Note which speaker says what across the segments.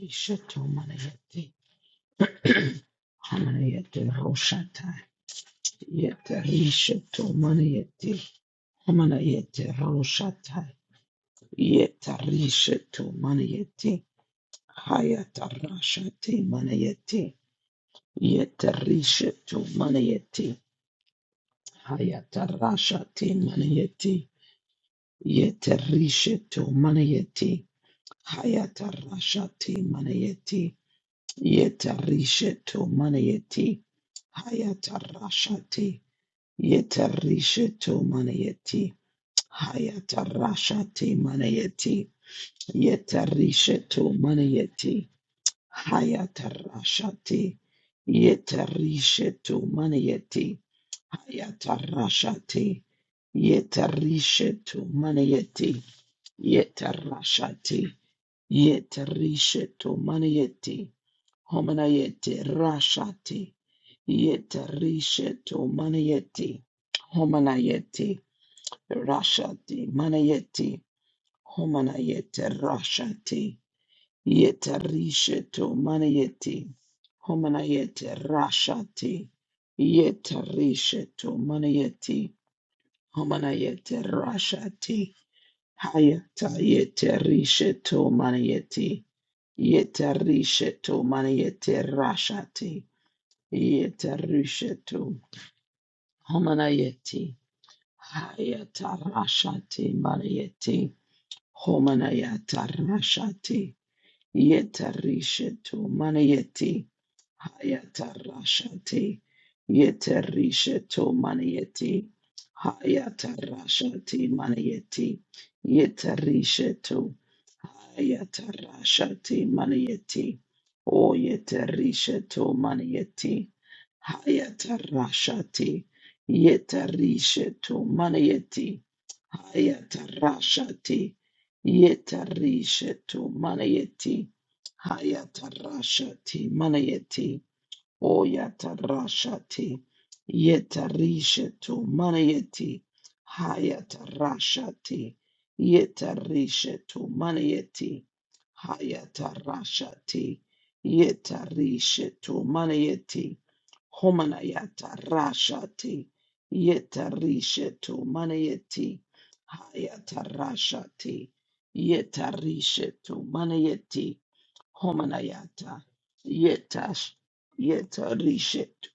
Speaker 1: Ishato manayeti hamanayete roshata yeta rishato manayeti hamanayete roshata yeta rishato manayeti hayata rashati manayeti yeta rishato manayeti hayata rashati manayeti yeta rishato manayeti hayata rashati manayeti yeta rishato manayeti hayata rashati Yetarisha to manayeti. Hayatarasha te manayeti. Yetarisha to manayeti. Hayatarasha te. Yetarisha to manayeti. Hayatarasha te. Yetarisha to manayeti. Yetarasha te. Yetarisha to manayeti. Homanayeti rasha te. Yetarisha to manayeti. Homanayeti. Rashati Manayeti, Homanayete, rashati Yetarishetu, Manayeti, Homanayete, rashati Yetarishetu, Manayeti, Homanayete, Rashati, Hayata, Yetarishetu, Manayeti, Yetarishetu, Manayete, Rashati, Yetarishetu, Homanayeti, Hayata, Rashati, Manayeti, Homanayata rashati yetarishetu manayeti hayata rashati yetarishetu manayeti hayata rashati manayeti yetarishetu hayata rashati manayeti o yetarishetu manayeti hayata rashati yetarishetu manayeti Hayatarashati yetarishetu manayeti hayatarashati manayeti oyatarashati yetarishetu manayeti hayatarashati yetarishetu manayeti hayatarashati yetarishetu manayeti Homanayata Rashati Yeta Rishetu Manayeti Hayata Rashati Yeta Rishetu Manayeti Homanayata Yeta sh- Yeta Rishetu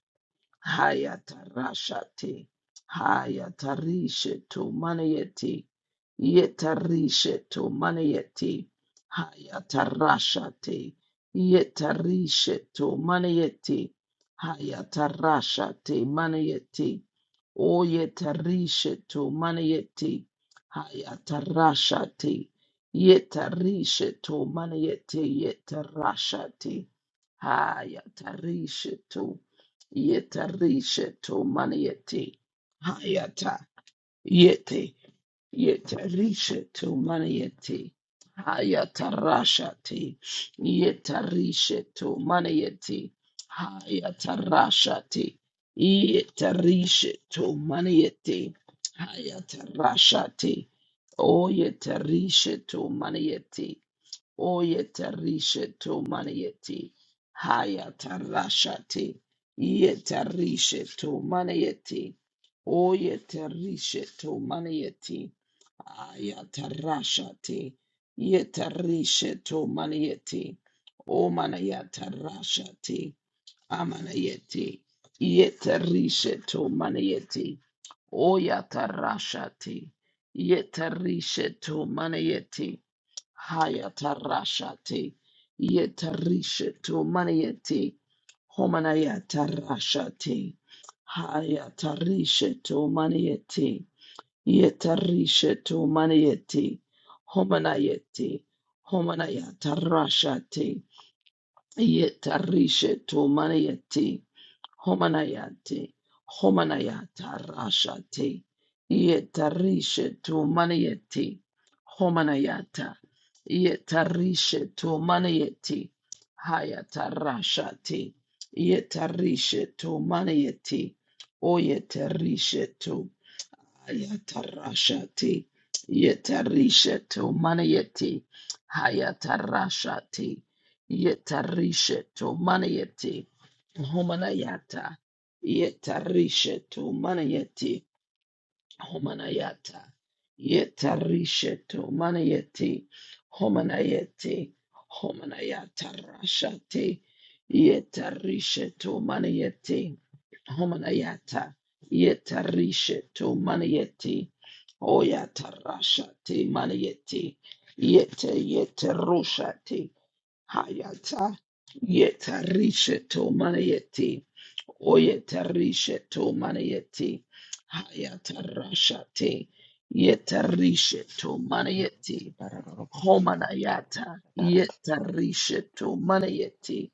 Speaker 1: Hayata Rashati Hayata Rishetu Manayeti Yetarishetu manayeti. Hayatarashate. Yetarishetu manayeti. Hayatarashate manayeti. Oyetarishetu manayeti. Hayatarashate. Yetarishetu manayeti. Yetarashate. Hayatarishetu. Yetarishetu manayeti. Hayata. Yete. Yetarisha to maniete. Hayatarashati. Yetarisha to maniete. Hayatarashati. Yetarisha to maniete. Hayatarashati. Oyetarisha to maniete. Oyetarisha to maniete. Hayatarashati. Yetarisha to maniete. Oyetarisha to maniete. Ayatarashate. Yetarishe to maniete. O manayatarashate. Amanayete. Yetarishe to maniete. Oyatarashate. Yetarishe to maniete. Hayatarashate. Yetarishe to maniete. Homanayatarashate. Hayatarishe to maniete. Yetarishetu manieti, homanayeti, homanayata rashati, yetarishetu manieti, homanayati, homanayata rashati, yetarishetu manieti, homanayata, yetarishetu manieti, hayata rashati, yetarishetu manieti, oyetarishetu Hayatarashati. Yetarisheto manayeti. Hayatarashati. Yetarisheto manayeti. Homanayata. Yetarisheto manayeti. Homanayata. Yetarisheto manayeti. Homanayeti. Homanayata rashati. Yetarisheto manayeti. Homanayata. Yetarisheto manayeti. Oya tarasha te maniete, yete yete rusha te hayata, yete rishe to oyeta oya tarishe to maniete, hayata rasha te, yete rishe to maniete, homanayata, yete rishe to yeta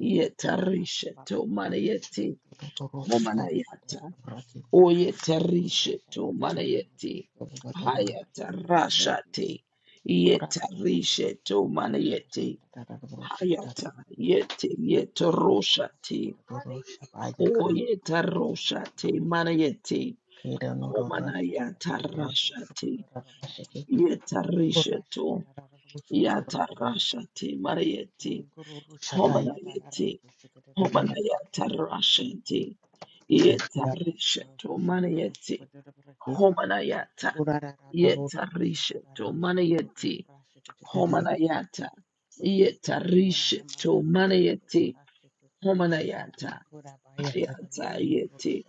Speaker 1: yete rishe to maniete, homanayata. Oyetarishetu manayeti. Hayatarashati. Yetarishetu manayeti. Hayata yeti yetaroshati. Oyetaroshati manayeti. Homanayatarashati. Yetarishetu. Yatarashati manayeti. Homanayeti. Homanayatarashati. Yetarishetu manayeti. Homanayata. Yetarisha to manayeti. Homanayata. Yetarisha to manayeti. Homanayata. Hayata yeti.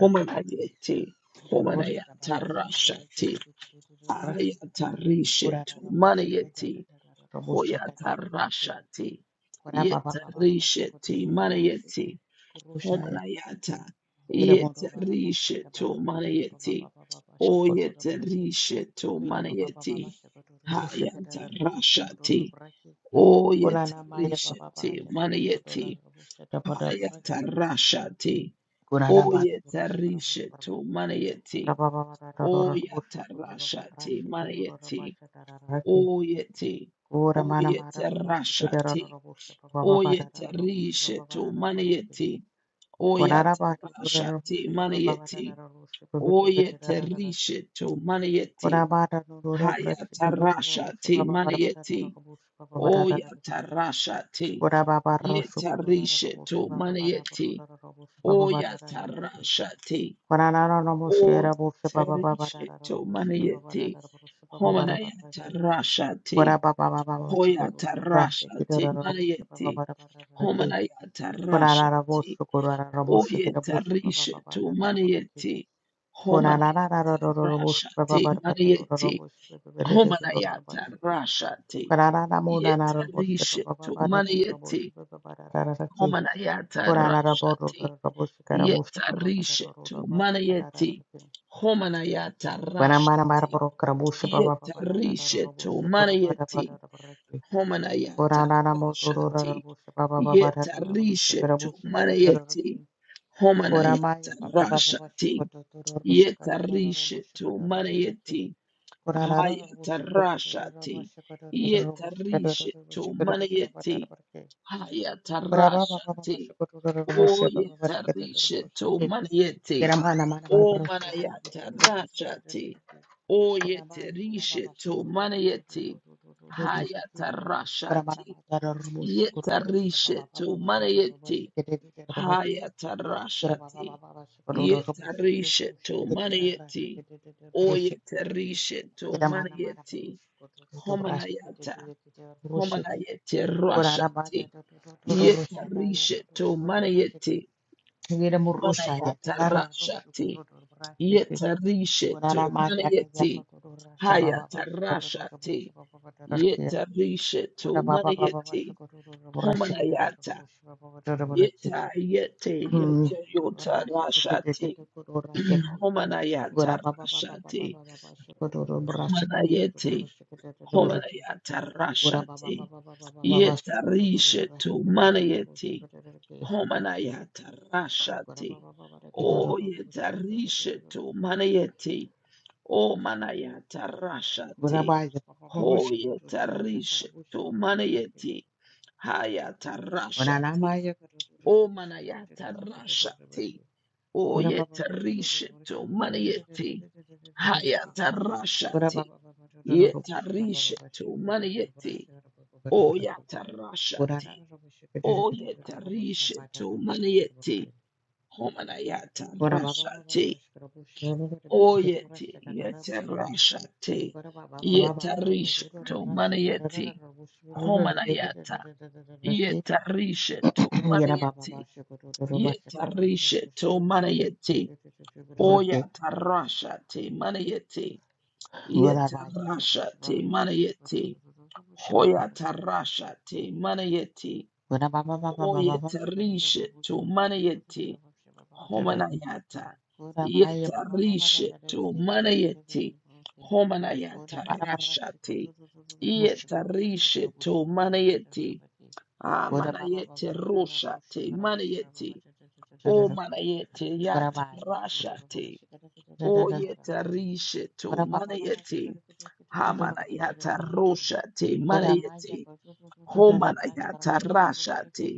Speaker 1: Homanayeti.
Speaker 2: I
Speaker 1: Homanayata rashati. Ayata risha to manayeti. Hoyata rashati. Yetarisha ti manayeti. Homanayata, Yetarisha to Manayeti, O Yetarisha to Manayeti, Hayata Rashati, O Yetarisha to Manayeti, Hayata Rashati, O Yetarisha to Manayeti, O Yata Rashati, Manayeti, O Yeti, O Yetarashati, O Yetarisha to Manayeti, Oyata Shati Manieti Oyete Rishetu Manieti Hayata Rasha Ti Manieti Oyata Rasha Ti Yeta Rishetu Manieti Oyata Rasha Ti Oyeta Rishetu Manieti Homanayata Rasha Ti Hoyata Rasha Ti Manieti Homanayata Rasha Oyetarisha to Manieti Homanayata Rashati Manieti Homanayata Rashati Yetarisha to Manieti Homanayata Rashati Yetarisha to Manieti Homanayata Rashati Yetarisha to Manieti Homanayata Rashati Yeta Rishetu Manayeti Homanayata Rashati Yeta Rishetu Manayeti Hayata Rashati Yeta Rishetu Manayeti Haya tarashati. O yetarisheto maniete. O manayata rashati. O yeterishe to maniete. Haya tarashati. Yetarisheto maniete. Haya tarashati. Yetarisheto maniete. O yetarisheto maniete. Homanayata. Homanayete rashati. Yetarisheto manayeti manayatarashati. Yetarisheto manayeti hayatarashati. Yetarisheto manayeti homanayata. Yeta yete yete yotarashati. Homanayatarashati. Homanayeti homanayatarashati. Yetarisheto manayeti Homanayata Rashati. O Yetarishetu Manayeti. O Manayata Rashati. Ho Yetarishetu Manayeti. Hayata Rashati. O Manayata Rashati. O Yetarishetu Manayeti. Hayata Rashati. Yetarishetu Manayeti. O Yata Rashati. O Yetarishetu Manayeti. Homanayata Rashati Oyeti Yeta Rashati Yeta Risheto Manayeti Homanayata Yeta Risheto Manayeti Yeta Risheto Manayeti Oyata Rashati Manayeti Yeta Rashati Manayeti Hoyata Rashati Manayeti Oyeta Risheto Manayeti homanayata yetarishe tu manayeti homanayata rashati yetarishe tu manayeti amanayete rushati manayeti o manayete yata rashati o yetarishe tu manayeti hamanayata rushati manayeti homanayata rashati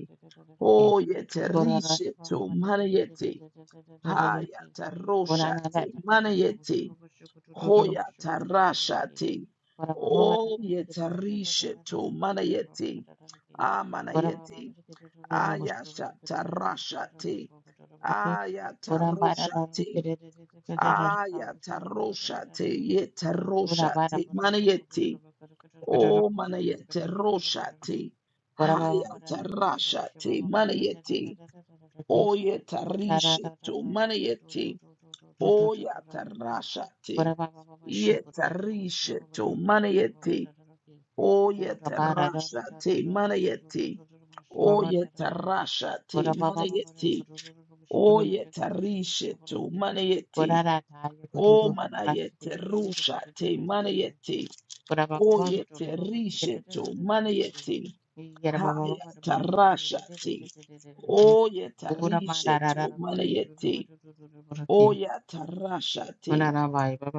Speaker 1: o yetarishe tu manayeti Hayata roshati, manayeti, hoyata rashati, oyeta rishetu, manayeti, amanayeti, ayashata rashati, ayata roshati, ayata roshati, yeta roshati, manayeti, o manayete roshati, hayata rashati, manayeti, oyeta rishetu, manayeti, Oyatarashate. Yetarisheto manayete. Oyatarashate manayete. Oyatarashate manayete. Oyatarisheto manayete. O manayete rushate manayete. Oyetarisheto manayete. Hayatarashate. Oyetarisheto manayete. Oyatarashate.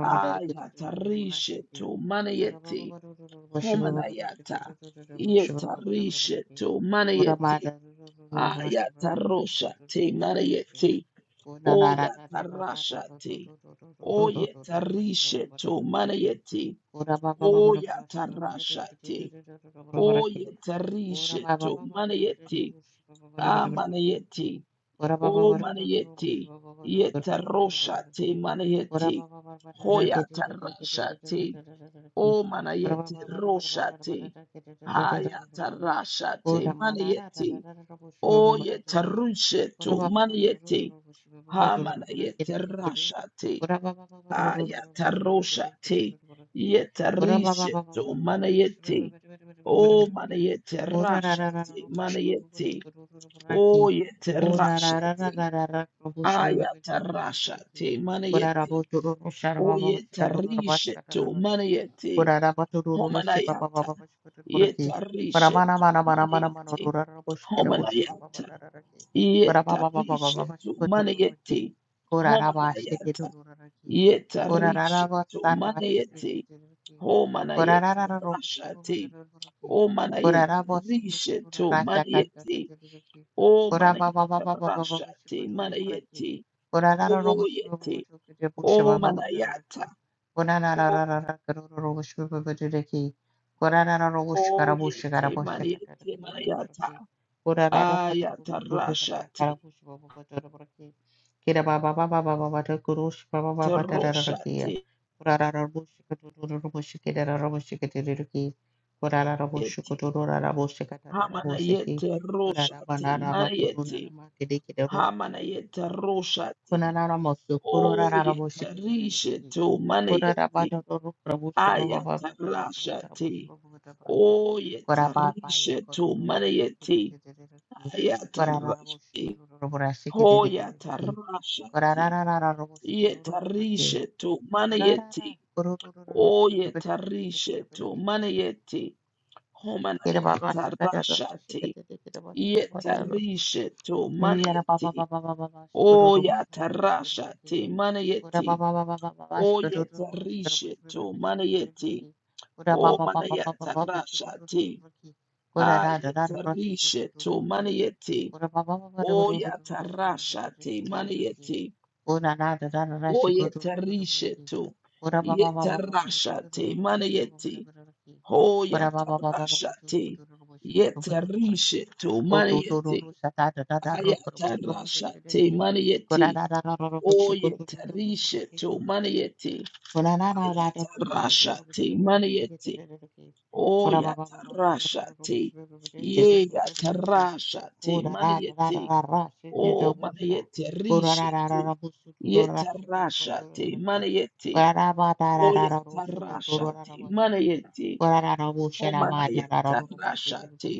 Speaker 1: Ayata rishetu manayeti homanayata. Yeta rishetu manayeti. Ayata roshati manayeti. Oyata rashati. Oyeta rishetu manayeti. Oyata rashati. Oyeta rishetu manayeti. Amanayeti. O manayeti. Yeta roshati manayeti. Hoyata rashati. O manayeti roshate. Hayata rashate manayete. O yetarushetu Manayeti Ha manayeti rashate. Ayata roshate. Yetarishetu manayete. O manayeti rashate Manayeti O yetarashate. Ayata rashate manayete. O yetarishetu Manayeti Homanayata yetarishe tu mane yeti homanayata yetarishe tu mane yeti homanayata yetarishe tu mane yeti homanayete rashati o manayete rishe tu mane yeti o manayete rashati mane o yeti o manayata o o yeti manayete manayata ayata rashati roshate yeti hamana yete roshate mariete hamana yete roshate o yete rishete umana yete ayata rashate o yete rishete umana yete ayata rashate ho yata rashate yete rishete umana yete o yete rishete umana yete homana yata rashate Yetarisha to manieti. O yatarasha te manieti. O yetarisha to manieti. O manayatarasha te. Ayetarisha to manieti. O yatarasha te manieti. O yetarisha to. Yetarasha te manieti. O yatarasha te. Yetarisha to manieti. Ayatarasha te manieti. Oyetarishetu maniete hayatarashate maniete oyatarashate yeyatarashate maniete o maniete rishetu yetarashate maniete oyatarashate maniete o manayatarashate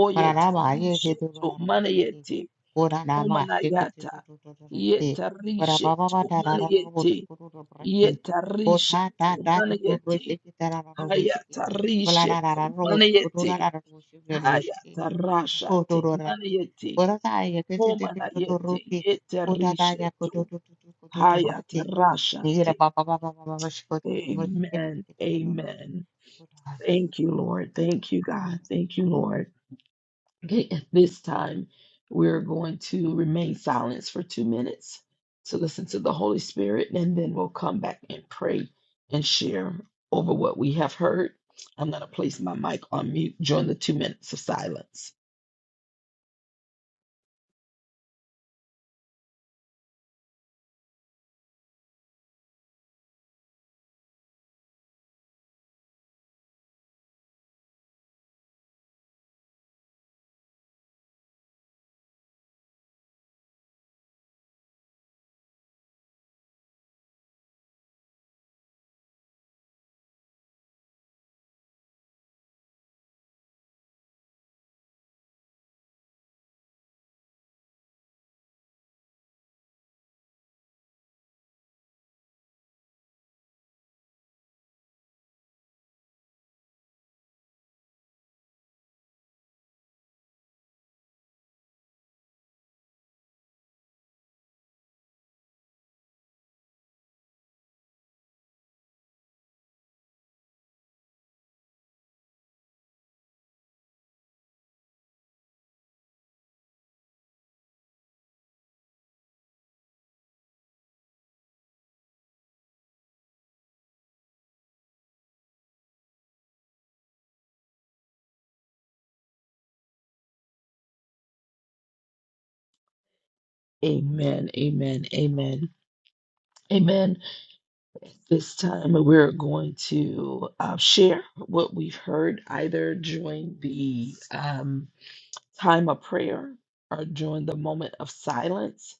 Speaker 1: oyetarishetu maniete o manayata yetarishetu maniete Yetarishe tumanayeti. Hayatarishe tumanayeti. Hayatarasha temanayeti. Homanayeti. Yetarishe tu. Hayatarasha te. Amen. Amen. Thank you, Lord. Thank you, God. Thank you, Lord. Okay, at this time, we're going to remain silent for two minutes to listen to the Holy Spirit, and then we'll come back and pray and share over what we have heard. I'm going to place my mic on mute during the two minutes of silence. Amen, amen, amen, amen. At this time, we're going to uh, share what we've heard either during the um, time of prayer or during the moment of silence.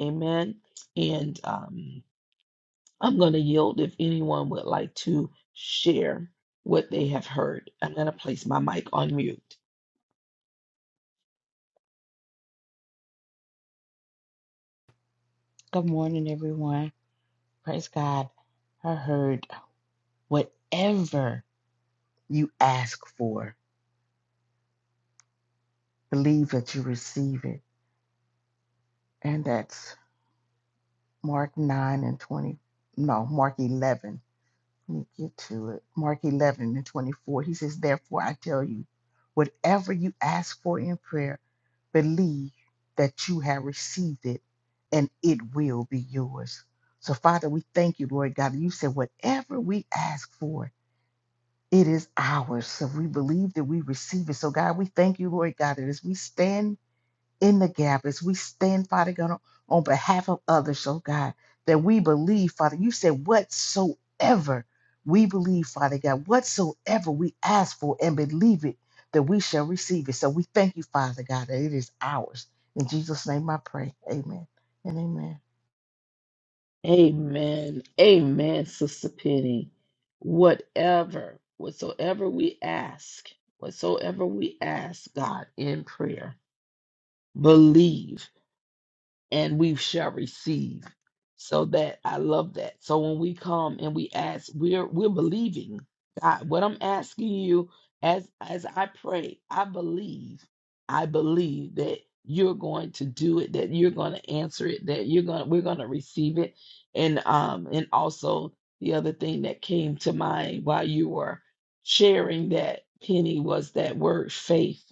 Speaker 1: Amen. And um, I'm going to yield if anyone would like to share what they have heard. I'm going to place my mic on mute.
Speaker 2: heard whatever you ask for, believe that you receive it. And that's Mark 9 and 20. No, Mark 11. Let me get to it. Mark 11 and 24. He says, Therefore, I tell you, whatever you ask for in prayer, believe that you have received it and it will be yours. So, Father, we thank you, Lord God. You said whatever we ask for, it is ours. So we believe that we receive it. So, God, we thank you, Lord God, that as we stand in the gap as we stand, Father God, on on behalf of others, oh God, that we believe, Father. You said, whatsoever we believe, Father God, whatsoever we ask for and believe it, that we shall receive it. So we thank you, Father God, that it is ours. In Jesus' name I pray. Amen and amen.
Speaker 1: Amen. Amen, Sister Penny. Whatever, whatsoever we ask, whatsoever we ask God in prayer, believe and we shall receive. So that I love that. So when we come and we ask, we're we're believing God. What I'm asking you as as I pray, I believe, I believe that you're going to do it, that you're going to answer it, that you're going to we're going to receive it. And um and also the other thing that came to mind while you were sharing that Penny was that word faith.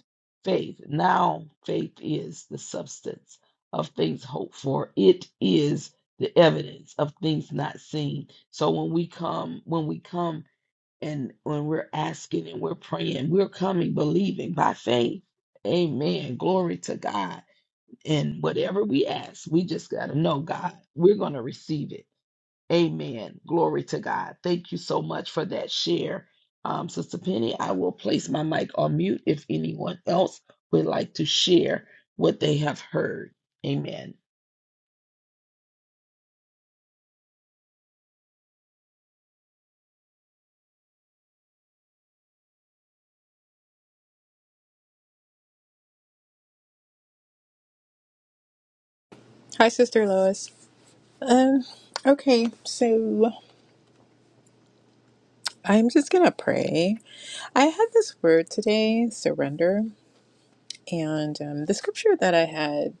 Speaker 1: Faith. Now faith is the substance of things hoped for. It is the evidence of things not seen. So when we come, when we come and when we're asking and we're praying, we're coming believing by faith. Amen. Glory to God. And whatever we ask, we just got to know God, we're going to receive it. Amen. Glory to God. Thank you so much for that share. Um, Sister Penny, I will place my mic on mute if anyone else would like to share what they have heard. Amen.
Speaker 3: Hi, Sister Lois. Um, okay, so I'm just gonna pray. I had this word today, surrender, and um, the scripture that I had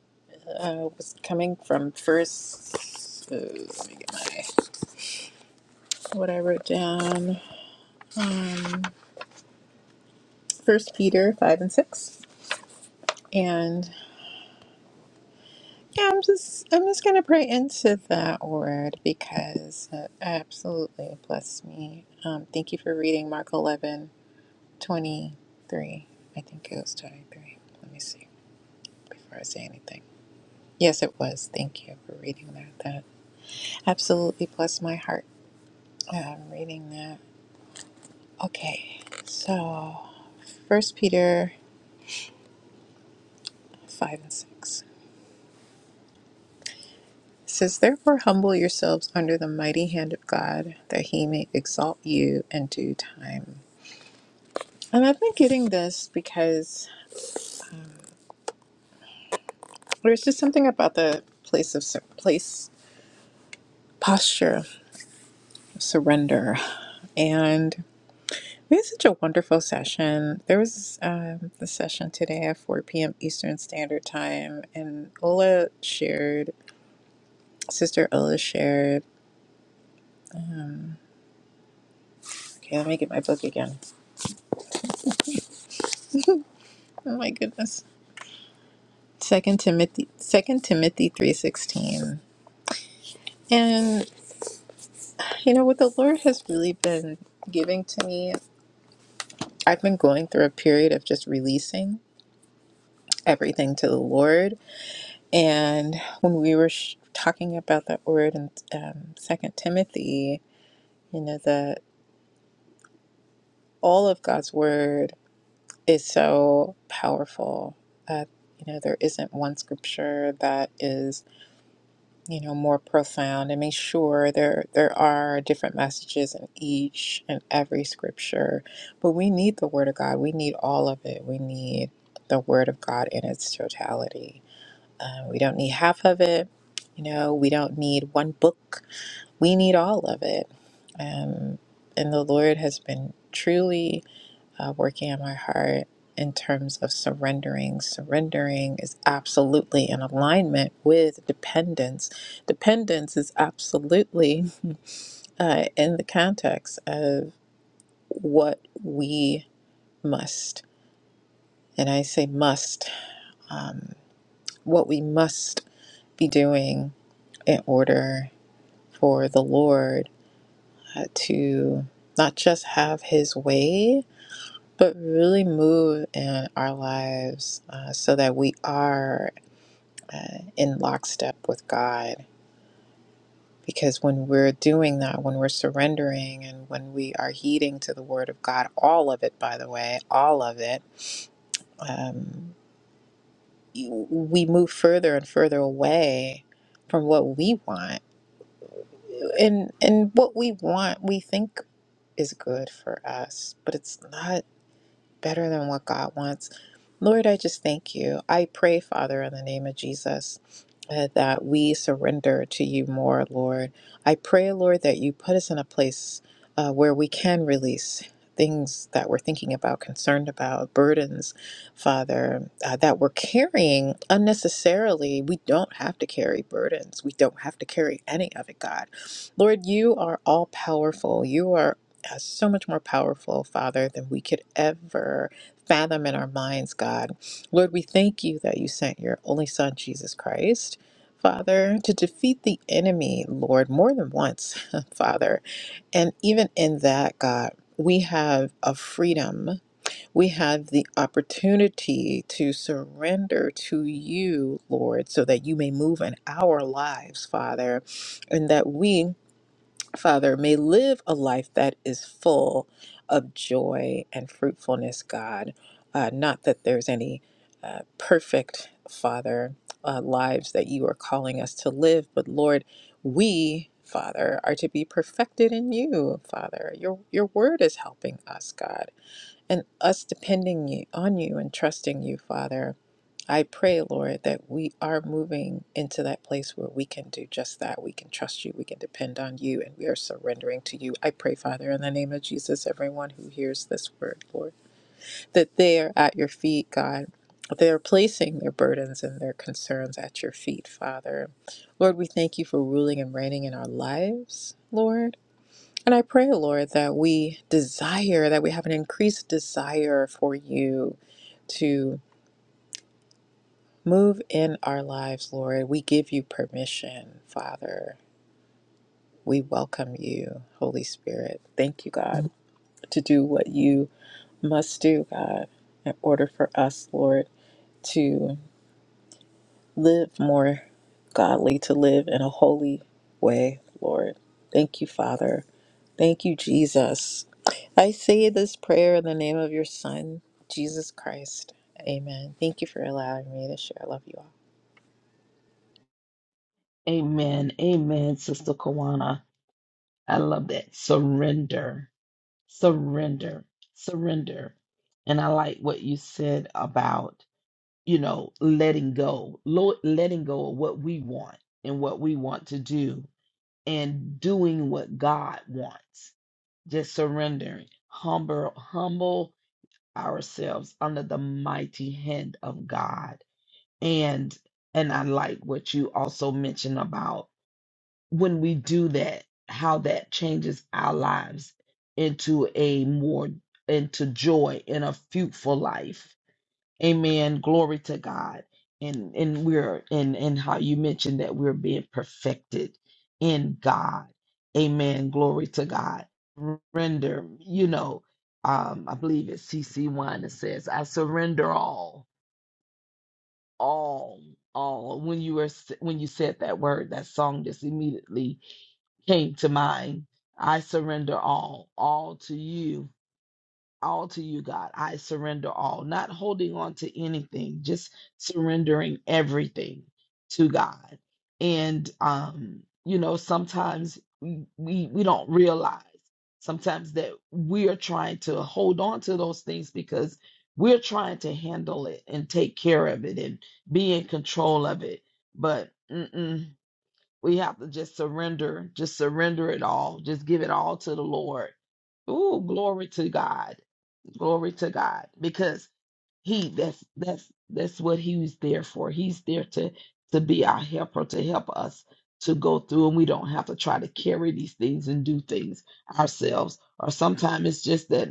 Speaker 3: uh, was coming from First. Uh, let me get my what I wrote down. Um, First Peter five and six, and yeah, I'm just I'm just gonna pray into that word because it absolutely blessed me. Um, thank you for reading Mark eleven 23. I think it was 23. Let me see before I say anything. Yes, it was. Thank you for reading that. That absolutely blessed my heart. I'm reading that. Okay, so First Peter 5 and 6 It says, Therefore, humble yourselves under the mighty hand of God, that he may exalt you in due time. And I've been getting this because there's just something about the place of sur- place posture of surrender. And We had such a wonderful session. There was um, the session today at 4 p.m. Eastern Standard Time, and Ola shared, Sister Ola shared. Um, okay, let me get my book again. Oh my goodness, Second Timothy, Second Timothy three sixteen. And you know what the Lord has really been giving to me. I've been going through a period of just releasing everything to the Lord, and when we were sh- talking about that word in um, Second Timothy You know, the all of God's word is so powerful. that you know, there isn't one scripture that is, you know, more profound. I mean, sure, there there are different messages in each and every scripture, but we need the word of God. We need all of it. We need the word of God in its totality. Uh, we don't need half of it. You know, we don't need one book. We need all of it. Um, and the Lord has been truly uh, working on my heart in terms of surrendering. Surrendering is absolutely in alignment with dependence. Dependence is absolutely uh, in the context of what we must, and I say must, um, what we must be doing in order for the Lord uh, to not just have His way, but really move in our lives uh, so that we are uh, in lockstep with God. Because when we're doing that, when we're surrendering and when we are heeding to the Word of God, all of it, by the way, all of it, um, you- we move further and further away from what we want. And, and what we want, we think is good for us, but it's not better than what God wants. Lord, I just thank you. I pray, Father, in the name of Jesus uh, that we surrender to you more, Lord. I pray, Lord, that you put us in a place uh, where we can release things that we're thinking about, concerned about, burdens, Father, uh, that we're carrying unnecessarily. We don't have to carry burdens. We don't have to carry any of it, God. Lord, you are all powerful. You are. uh, So much more powerful, Father, than we could ever fathom in our minds, God. Lord, we thank you that you sent your only Son, Jesus Christ, Father, to defeat the enemy, Lord, more than once, Father. And even in that, God, we have a freedom. We have the opportunity to surrender to you, Lord, so that you may move in our lives, Father, and that we Father, may live a life that is full of joy and fruitfulness, God. Uh, not that there's any uh, perfect, Father, uh, lives that you are calling us to live, but Lord, we, Father, are to be perfected in you, Father. Your, your word is helping us, God, and us depending you, on you and trusting you, Father. I pray, Lord, that we are moving into that place where we can do just that. We can trust you, we can depend on you, and we are surrendering to you. I pray, Father, in the name of Jesus, everyone who hears this word, Lord, that they are at your feet, God. They are placing their burdens and their concerns at your feet, Father. Lord, we thank you for ruling and reigning in our lives, Lord. And I pray, Lord, that we desire, that we have an increased desire for you to Move in our lives, Lord. We give you permission, Father. We welcome you, Holy Spirit. Thank you, God, to do what you must do, God, in order for us, Lord, to live more godly, to live in a holy way, Lord. Thank you, Father. Thank you, Jesus. I say this prayer in the name of your Son, Jesus Christ. Amen. Thank you for allowing me to share. I love you all.
Speaker 1: Amen. Amen, Sister Kawana. I love that. Surrender. Surrender. Surrender. And I like what you said about, you know, letting go, Lord, letting go of what we want and what we want to do and doing what God wants. Just surrendering. Humble, humble ourselves under the mighty hand of God. And and I like what you also mentioned about when we do that, how that changes our lives into a more into joy in a fruitful life. Amen. Glory to God. And and we're and and how you mentioned that we're being perfected in God. Amen. Glory to God. Surrender. you know, um, I believe it's CC one that says, I surrender all, all, all. When you were s- when you said that word, that song just immediately came to mind. I surrender all, all to you, all to you, God. I surrender all, not holding on to anything, just surrendering everything to God. And um, you know, sometimes we we, we don't realize sometimes that we are trying to hold on to those things because we're trying to handle it and take care of it and be in control of it. But mm-mm, we have to just surrender, just surrender it all, just give it all to the Lord. Ooh, glory to God. Glory to God. Because he that's that's that's what he was there for. He's there to to be our helper, to help us to go through and we don't have to try to carry these things and do things ourselves. Or sometimes it's just that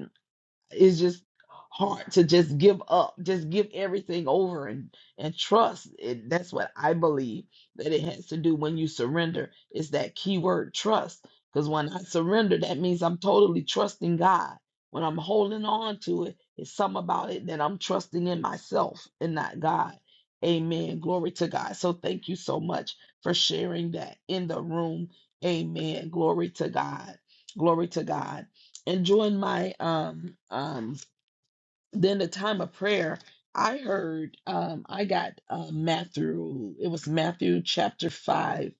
Speaker 1: it's just hard to just give up, just give everything over and and trust. And that's what I believe that it has to do when you surrender. Is that key word trust? Because when I surrender, that means I'm totally trusting God. When I'm holding on to it, it's something about it that I'm trusting in myself and not God. Amen. Glory to God. So thank you so much for sharing that in the room. Amen. Glory to God. Glory to God and during my um um then the time of prayer i heard um i got uh matthew it was matthew chapter 5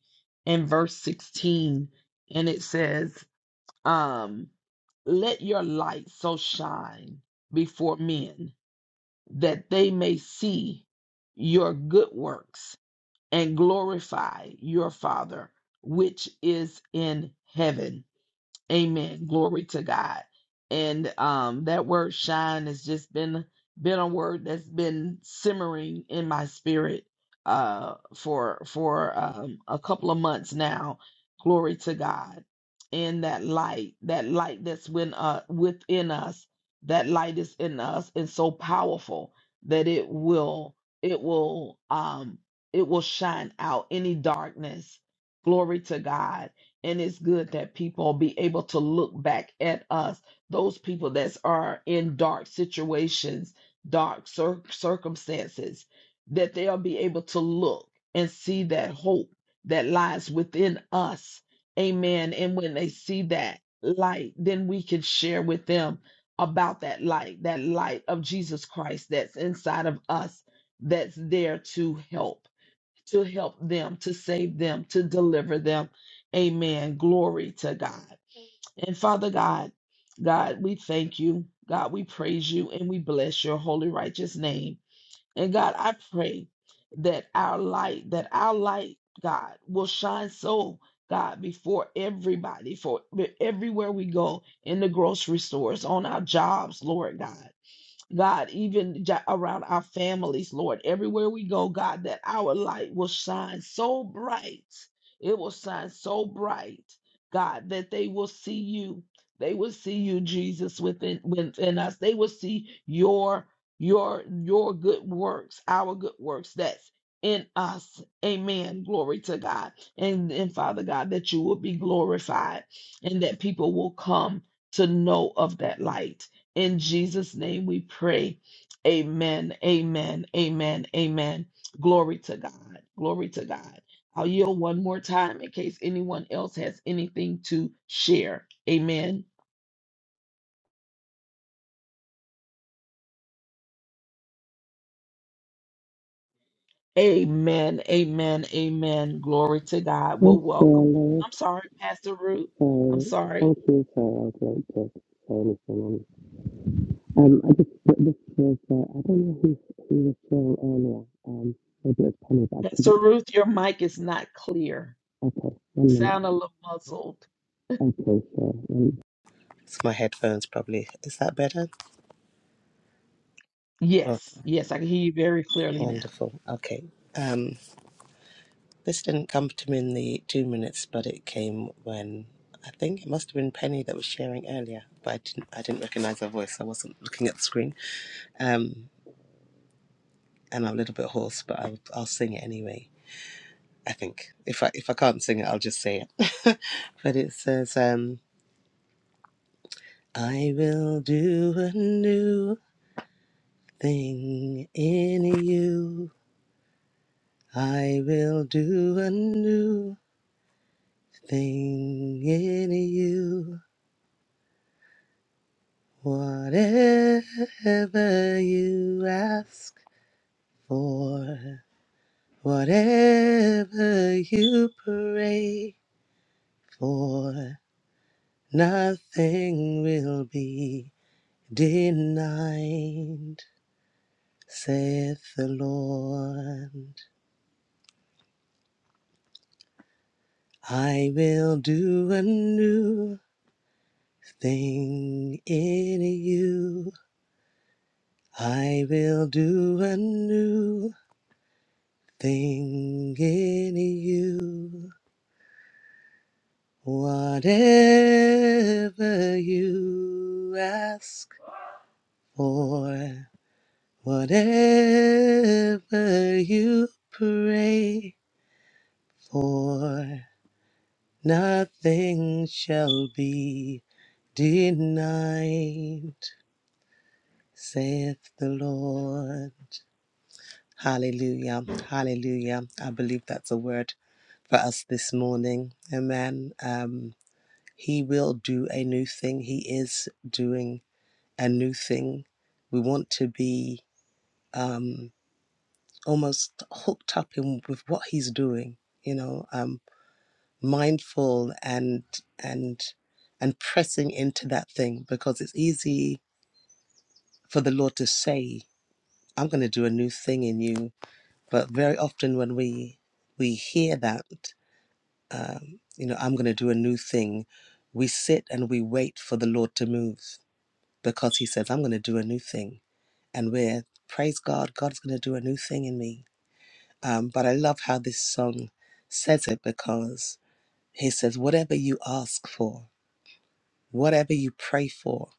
Speaker 1: and verse 16 and it says um let your light so shine before men that they may see your good works and glorify your father which is in heaven Amen. Glory to God. And um that word shine has just been been a word that's been simmering in my spirit uh for for um a couple of months now. Glory to God. And that light, that light that's when uh within us, that light is in us and so powerful that it will it will um it will shine out any darkness. Glory to God and it's good that people be able to look back at us, those people that are in dark situations, dark cir- circumstances, that they'll be able to look and see that hope that lies within us. Amen. And when they see that light, then we can share with them about that light, that light of Jesus Christ that's inside of us, that's there to help to help them, to save them, to deliver them. Amen. Glory to God. And Father God, God, we thank you. God, we praise you and we bless your holy, righteous name. And God, I pray that our light, that our light, God, will shine so, God, before everybody, for everywhere we go in the grocery stores, on our jobs, Lord God. God, even ja- around our families, Lord, everywhere we go, God, that our light will shine so bright. It will shine so bright, God, that they will see you. They will see you, Jesus, within within us. They will see your your your good works, our good works that's in us. Amen. Glory to God. And, and Father God, that you will be glorified and that people will come to know of that light in Jesus' name we pray. Amen. Amen. Amen. Amen. Glory to God. Glory to God. I'll yield one more time in case anyone else has anything to share. Amen. Amen. Amen. Amen. Glory to God.
Speaker 4: Yes,
Speaker 1: Well, welcome.
Speaker 4: Shanda.
Speaker 1: I'm sorry, Pastor Ruth. I'm
Speaker 4: So
Speaker 1: sorry.
Speaker 4: Thank you. for I great late to say anything. Um, um, I just, but this was, uh, I don't know who, who was sharing earlier. Um, maybe it was Penny, but I
Speaker 1: Pastor
Speaker 4: couldn't.
Speaker 1: Ruth, your mic is not clear.
Speaker 4: Okay, one minute.
Speaker 1: Sound a little muzzled.
Speaker 4: Okay, sure. Um, it's my headphones, probably. Is that better? Oh,
Speaker 1: Yes. Yes, I can hear you very clearly now.
Speaker 4: wonderful. Okay. Um, this didn't come to me in the two minutes, but it came when I think it must have been Penny that was sharing earlier, but I didn't, I didn't recognize her voice. I wasn't looking at the screen. Um, and I'm a little bit hoarse, but I'll, I'll sing it anyway. I think if I if I can't sing it, I'll just say it. but it says, um, "I will do a new thing in you. I will do a new thing in you. Whatever you ask for, whatever you pray for." Nothing will be denied, saith the Lord. I will do a new thing in you. I will do a new thing in you. Whatever you ask for, whatever you pray. for nothing shall be denied, saith the Lord. Hallelujah. Hallelujah. I believe that's a word for us this morning. Amen. Um, he will do a new thing. He is doing a new thing. We want to be um, almost hooked up in with what he's doing. You know, um, mindful and and and pressing into that thing because it's easy for the lord to say i'm going to do a new thing in you but very often when we we hear that um, you know i'm going to do a new thing we sit and we wait for the lord to move because he says i'm going to do a new thing and we're praise god god's going to do a new thing in me um, but i love how this song says it because he says whatever you ask for Whatever you pray for,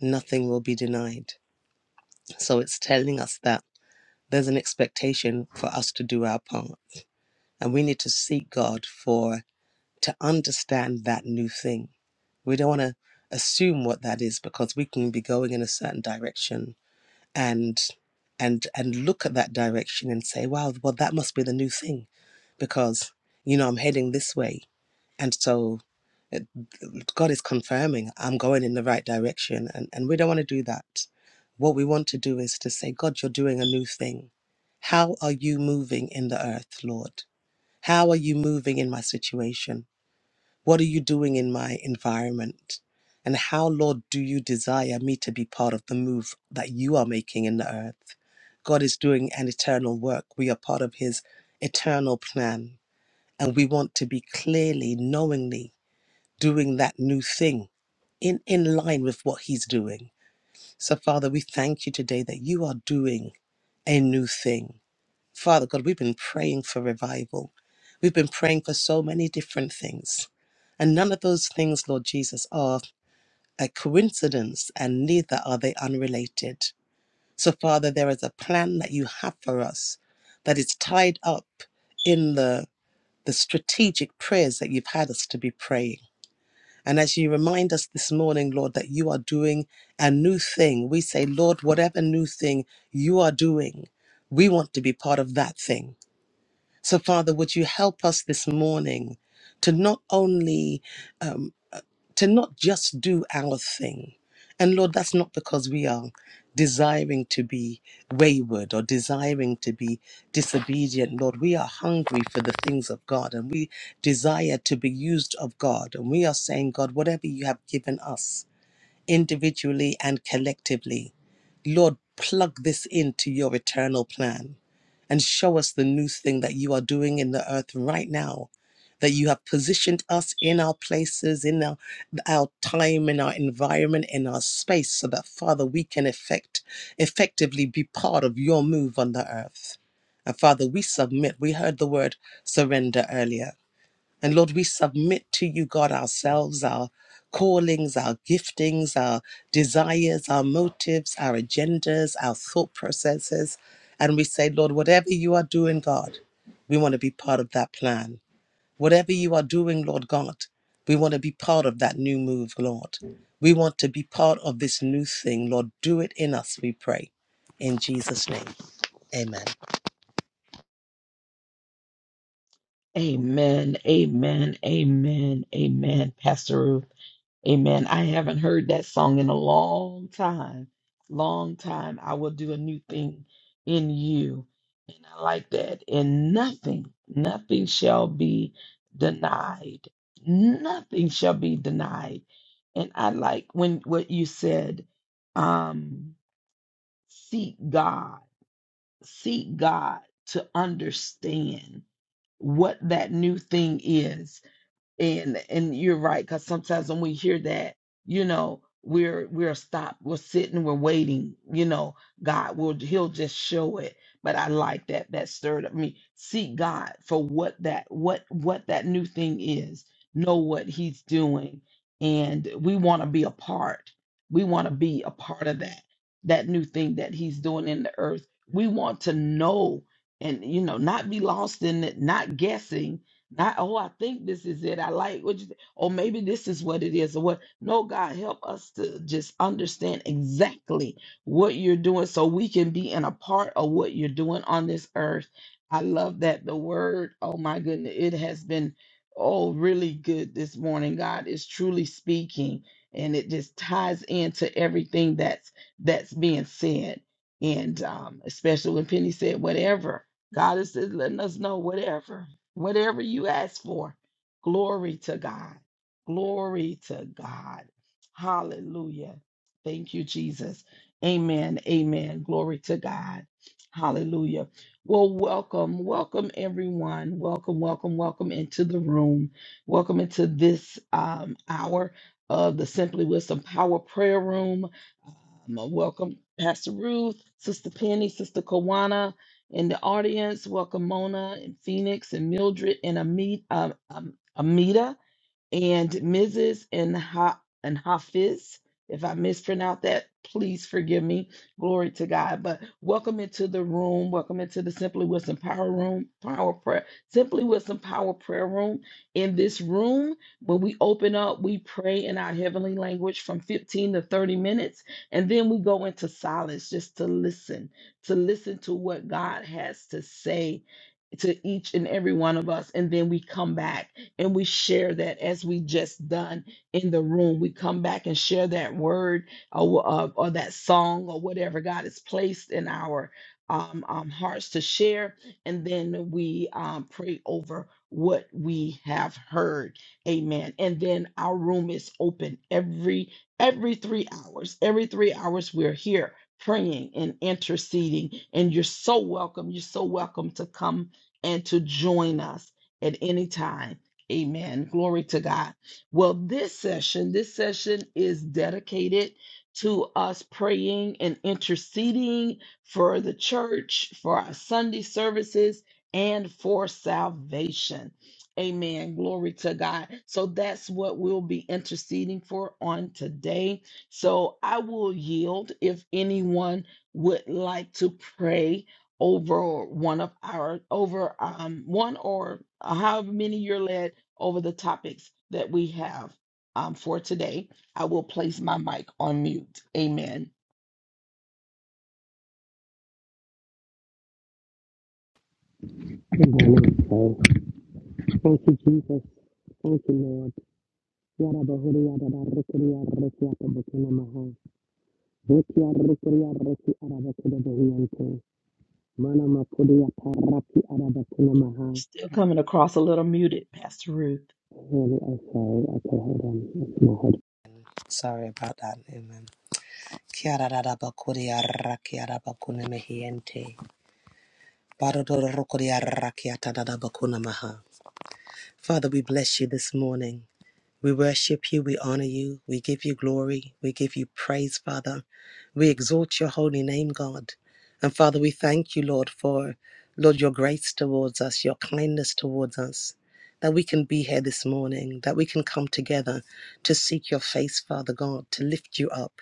Speaker 4: nothing will be denied. So it's telling us that there's an expectation for us to do our part. And we need to seek God for to understand that new thing. We don't want to assume what that is because we can be going in a certain direction and and and look at that direction and say, wow, well that must be the new thing because you know I'm heading this way. And so God is confirming I'm going in the right direction. And, and we don't want to do that. What we want to do is to say, God, you're doing a new thing. How are you moving in the earth, Lord? How are you moving in my situation? What are you doing in my environment? And how, Lord, do you desire me to be part of the move that you are making in the earth? God is doing an eternal work. We are part of his eternal plan. And we want to be clearly, knowingly doing that new thing in, in line with what He's doing. So, Father, we thank you today that you are doing a new thing. Father God, we've been praying for revival. We've been praying for so many different things. And none of those things, Lord Jesus, are a coincidence and neither are they unrelated. So, Father, there is a plan that you have for us that is tied up in the, the strategic prayers that you've had us to be praying. And as you remind us this morning, Lord, that you are doing a new thing, we say, Lord, whatever new thing you are doing, we want to be part of that thing. So, Father, would you help us this morning to not only, um, uh, to not just do our thing? And Lord, that's not because we are desiring to be wayward or desiring to be disobedient. Lord, we are hungry for the things of God and we desire to be used of God. And we are saying, God, whatever you have given us, individually and collectively. Lord, plug this into your eternal plan and show us the new thing that you are doing in the earth right now, that you have positioned us in our places, in our, our time, in our environment, in our space, so that, Father, we can effect, effectively be part of your move on the earth. And Father, we submit. We heard the word surrender earlier. And Lord, we submit to you, God, ourselves, our callings, our giftings, our desires, our motives, our agendas, our thought processes. And we say, Lord, whatever you are doing, God, we want to be part of that plan. Whatever you are doing, Lord God, we want to be part of that new move, Lord. We want to be part of this new thing. Lord, do it in us, we pray. In Jesus' name, amen.
Speaker 1: Amen. Amen. Amen. Amen. Pastor Ruth. Amen. I haven't heard that song in a long time. Long time. I will do a new thing in you. And I like that. And nothing, nothing shall be denied. Nothing shall be denied. And I like when what you said, um, seek God, seek God to understand what that new thing is and and you're right because sometimes when we hear that you know we're we're stopped we're sitting we're waiting you know god will he'll just show it but i like that that stirred up me seek god for what that what what that new thing is know what he's doing and we want to be a part we want to be a part of that that new thing that he's doing in the earth we want to know and you know not be lost in it not guessing not, oh, I think this is it. I like what you said. Oh, maybe this is what it is. Or what? No, God, help us to just understand exactly what you're doing so we can be in a part of what you're doing on this earth. I love that the word, oh my goodness, it has been oh really good this morning. God is truly speaking and it just ties into everything that's that's being said. And um, especially when Penny said whatever, God is just letting us know whatever whatever you ask for. Glory to God. Glory to God. Hallelujah. Thank you, Jesus. Amen. Amen. Glory to God. Hallelujah. Well, welcome. Welcome, everyone. Welcome, welcome, welcome into the room. Welcome into this um, hour of the Simply Wisdom Power Prayer Room. Um, welcome, Pastor Ruth, Sister Penny, Sister Kawana. In the audience, welcome Mona and Phoenix and Mildred and Amita. um, um, Amita and Mrs. and and Hafiz. If I mispronounce that, please forgive me. Glory to God. But welcome into the room. Welcome into the Simply Wisdom Power Room, Power Prayer, Simply Wisdom Power Prayer Room. In this room, when we open up, we pray in our heavenly language from 15 to 30 minutes, and then we go into silence just to listen, to listen to what God has to say to each and every one of us, and then we come back and we share that as we just done in the room. We come back and share that word or, or, or that song or whatever God has placed in our um, um, hearts to share, and then we um, pray over what we have heard. Amen. And then our room is open every every three hours. Every three hours, we're here praying and interceding. And you're so welcome. You're so welcome to come and to join us at any time. Amen. Glory to God. Well, this session, this session is dedicated to us praying and interceding for the church, for our Sunday services, and for salvation. Amen. Glory to God. So that's what we'll be interceding for on today. So I will yield if anyone would like to pray over one of our over um one or however many you're led over the topics that we have um, for today. I will place my mic on mute. Amen.
Speaker 4: Thank you, Jesus. Thank you, Lord. Yarabahuri Yarabarikiri Yarriki Atabakina Maha. Veki Yarrikiri Yarriki Arabakina Bahiyante. Mana Makuri Yataraki Arabakina Maha.
Speaker 1: Still coming across a little muted, Pastor Ruth.
Speaker 4: Really, I'm sorry. Okay, hold on. It's my head. Sorry about that. Amen. Kiara Rabakuri Yarraki Arabakuna Mahiyante. Barodoro Rokuri Yarraki Atadabakuna Maha. Father, we bless you this morning. We worship you, we honor you, we give you glory, we give you praise, Father. We exalt your holy name, God. And Father, we thank you, Lord, for, Lord, your grace towards us, your kindness towards us, that we can be here this morning, that we can come together to seek your face, Father God, to lift you up,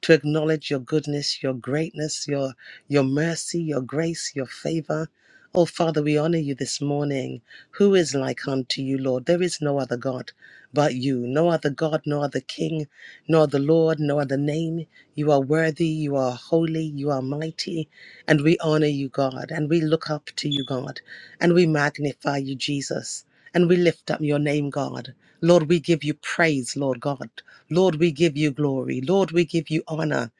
Speaker 4: to acknowledge your goodness, your greatness, your, your mercy, your grace, your favor. Oh, Father, we honor you this morning. Who is like unto you, Lord? There is no other God but you. No other God, no other King, no other Lord, no other name. You are worthy, you are holy, you are mighty, and we honor you, God, and we look up to you, God, and we magnify you, Jesus, and we lift up your name, God. Lord, we give you praise, Lord God. Lord, we give you glory. Lord, we give you honor.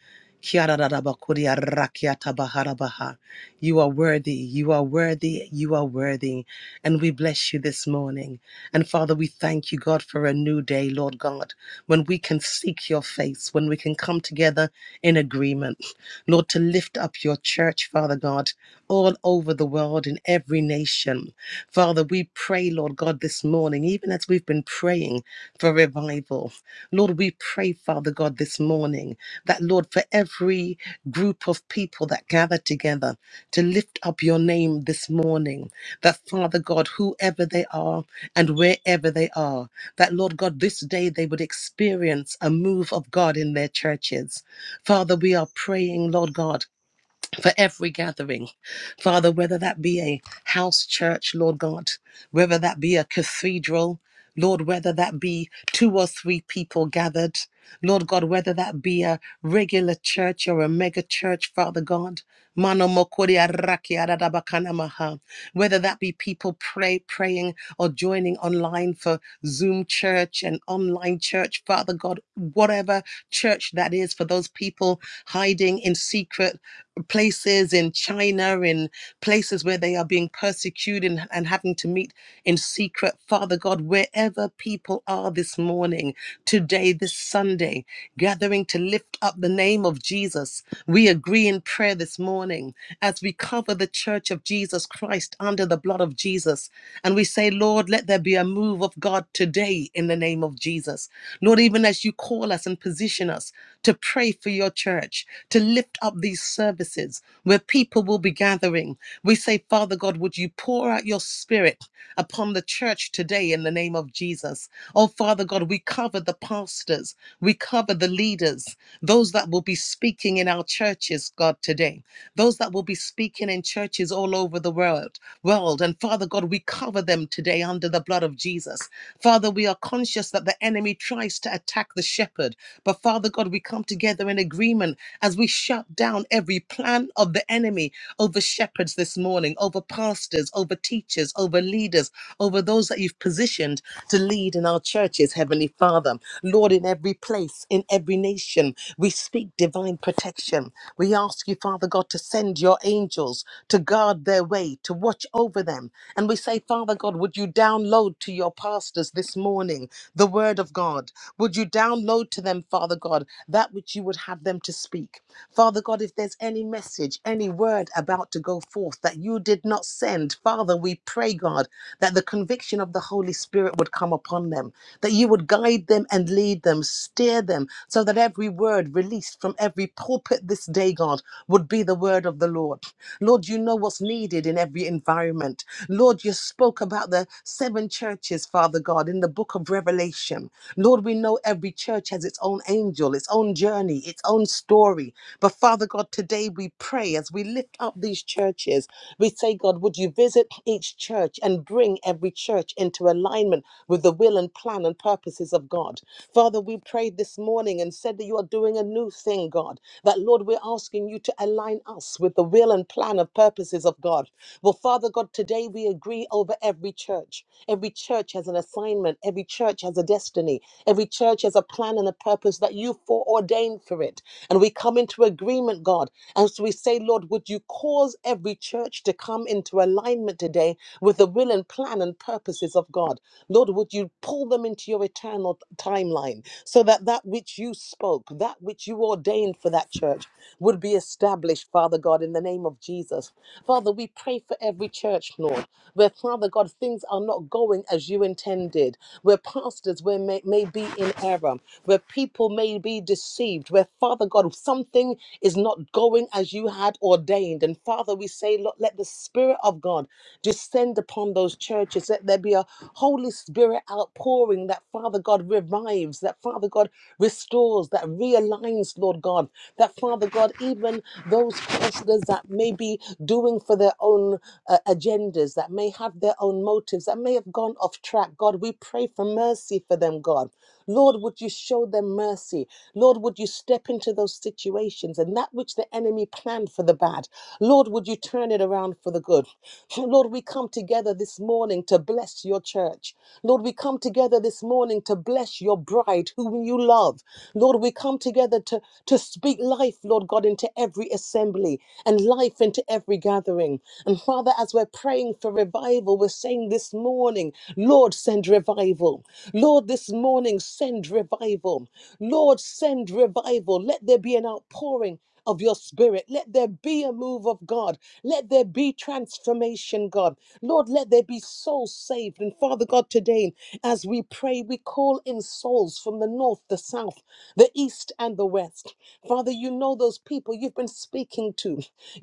Speaker 4: You are worthy, you are worthy, you are worthy, and we bless you this morning. And Father, we thank you, God, for a new day, Lord God, when we can seek your face, when we can come together in agreement, Lord, to lift up your church, Father God, all over the world in every nation. Father, we pray, Lord God, this morning, even as we've been praying for revival. Lord, we pray, Father God, this morning that, Lord, for every group of people that gather together to lift up your name this morning, that, Father God, whoever they are, and wherever they are. That, Lord God, this day they would experience a move of God in their churches. Father, we are praying, Lord God for every gathering, Father, whether that be a house church, Lord God, whether that be a cathedral, Lord, whether that be two or three people gathered, Lord God, whether that be a regular church or a mega church, Father God. Mano mokori araki aradabakana maha. Whether that be people pray praying or joining online for Zoom church and online church, Father God, whatever church that is for those people hiding in secret places in China, in places where they are being persecuted and, and having to meet in secret. Father God, wherever people are this morning, today, this Sunday, gathering to lift up the name of Jesus, we agree in prayer this morning as we cover the church of Jesus Christ under the blood of Jesus. And we say, Lord, let there be a move of God today in the name of Jesus. Lord, even as you call us and position us to pray for your church, to lift up these services where people will be gathering. We say, Father God, would you pour out your spirit upon the church today in the name of Jesus? Oh, Father God, we cover the pastors, we cover the leaders, those that will be speaking in our churches, God, today those that will be speaking in churches all over the world world and father god we cover them today under the blood of jesus father we are conscious that the enemy tries to attack the shepherd but father god we come together in agreement as we shut down every plan of the enemy over shepherds this morning over pastors over teachers over leaders over those that you've positioned to lead in our churches heavenly father lord in every place in every nation we speak divine protection protection. We ask you, Father God, to send your angels to guard their way, to watch over them. And we say, Father God, would you download to your pastors this morning the word of God? Would you download to them, Father God, that which you would have them to speak? Father God, if there's any message, any word about to go forth that you did not send, Father, we pray, God, that the conviction of the Holy Spirit would come upon them, that you would guide them and lead them, steer them, so that every word word released from every pulpit this day, God, would be the word of the Lord. Lord, you know what's needed in every environment. Lord, you spoke about the seven churches, Father God, in the book of Revelation. Lord, we know every church has its own angel, its own journey, its own story. But Father God, today we pray as we lift up these churches, we say, God, would you visit each church and bring every church into alignment with the will and plan and purposes of God? Father, we pray prayed this morning and said that you are doing a new thing, God. That, Lord, we're asking you to align us with the will and plan of purposes of God. Well, Father God, today we agree over every church. Every church has an assignment, every church has a destiny, every church has a plan and a purpose that you foreordained for it. And we come into agreement, God. And so we say, Lord, would you cause every church to come into alignment today with the will and plan and purposes of God? Lord, would you pull them into your eternal? eternal timeline so that that which you spoke, that which you ordained for that church would be established, Father God, in the name of Jesus. Father, we pray for every church, Lord, where, Father God, things are not going as you intended, where pastors where may, may be in error, where people may be deceived, where, Father God, something is not going as you had ordained. And Father, we say, Lord, let the Spirit of God descend upon those churches. Let there be a holy Spirit outpouring that, Father God, revives, that, Father God, restores, that realigns, Lord God, that, Father God, even those counselors that may be doing for their own uh, agendas, that may have their own motives, that may have gone off track, God, we pray for mercy for them, God. Lord, would you show them mercy? Lord, would you step into those situations and that which the enemy planned for the bad? Lord, would you turn it around for the good? Lord, we come together this morning to bless your church. Lord, we come together this morning to bless your bride whom you love. Lord, we come together to, to speak life, Lord God, into every assembly and life into every gathering. And Father, as we're praying for revival, we're saying, saying this morning, Lord, send revival. Lord, this morning, send revival. Lord, send revival. Let there be an outpouring of your spirit. Let there be a move of God. Let there be transformation, God. Lord, let there be souls saved. And Father God, today, as we pray, we call in souls from the north, the south, the east, and the west. Father, you know those people you've been speaking to.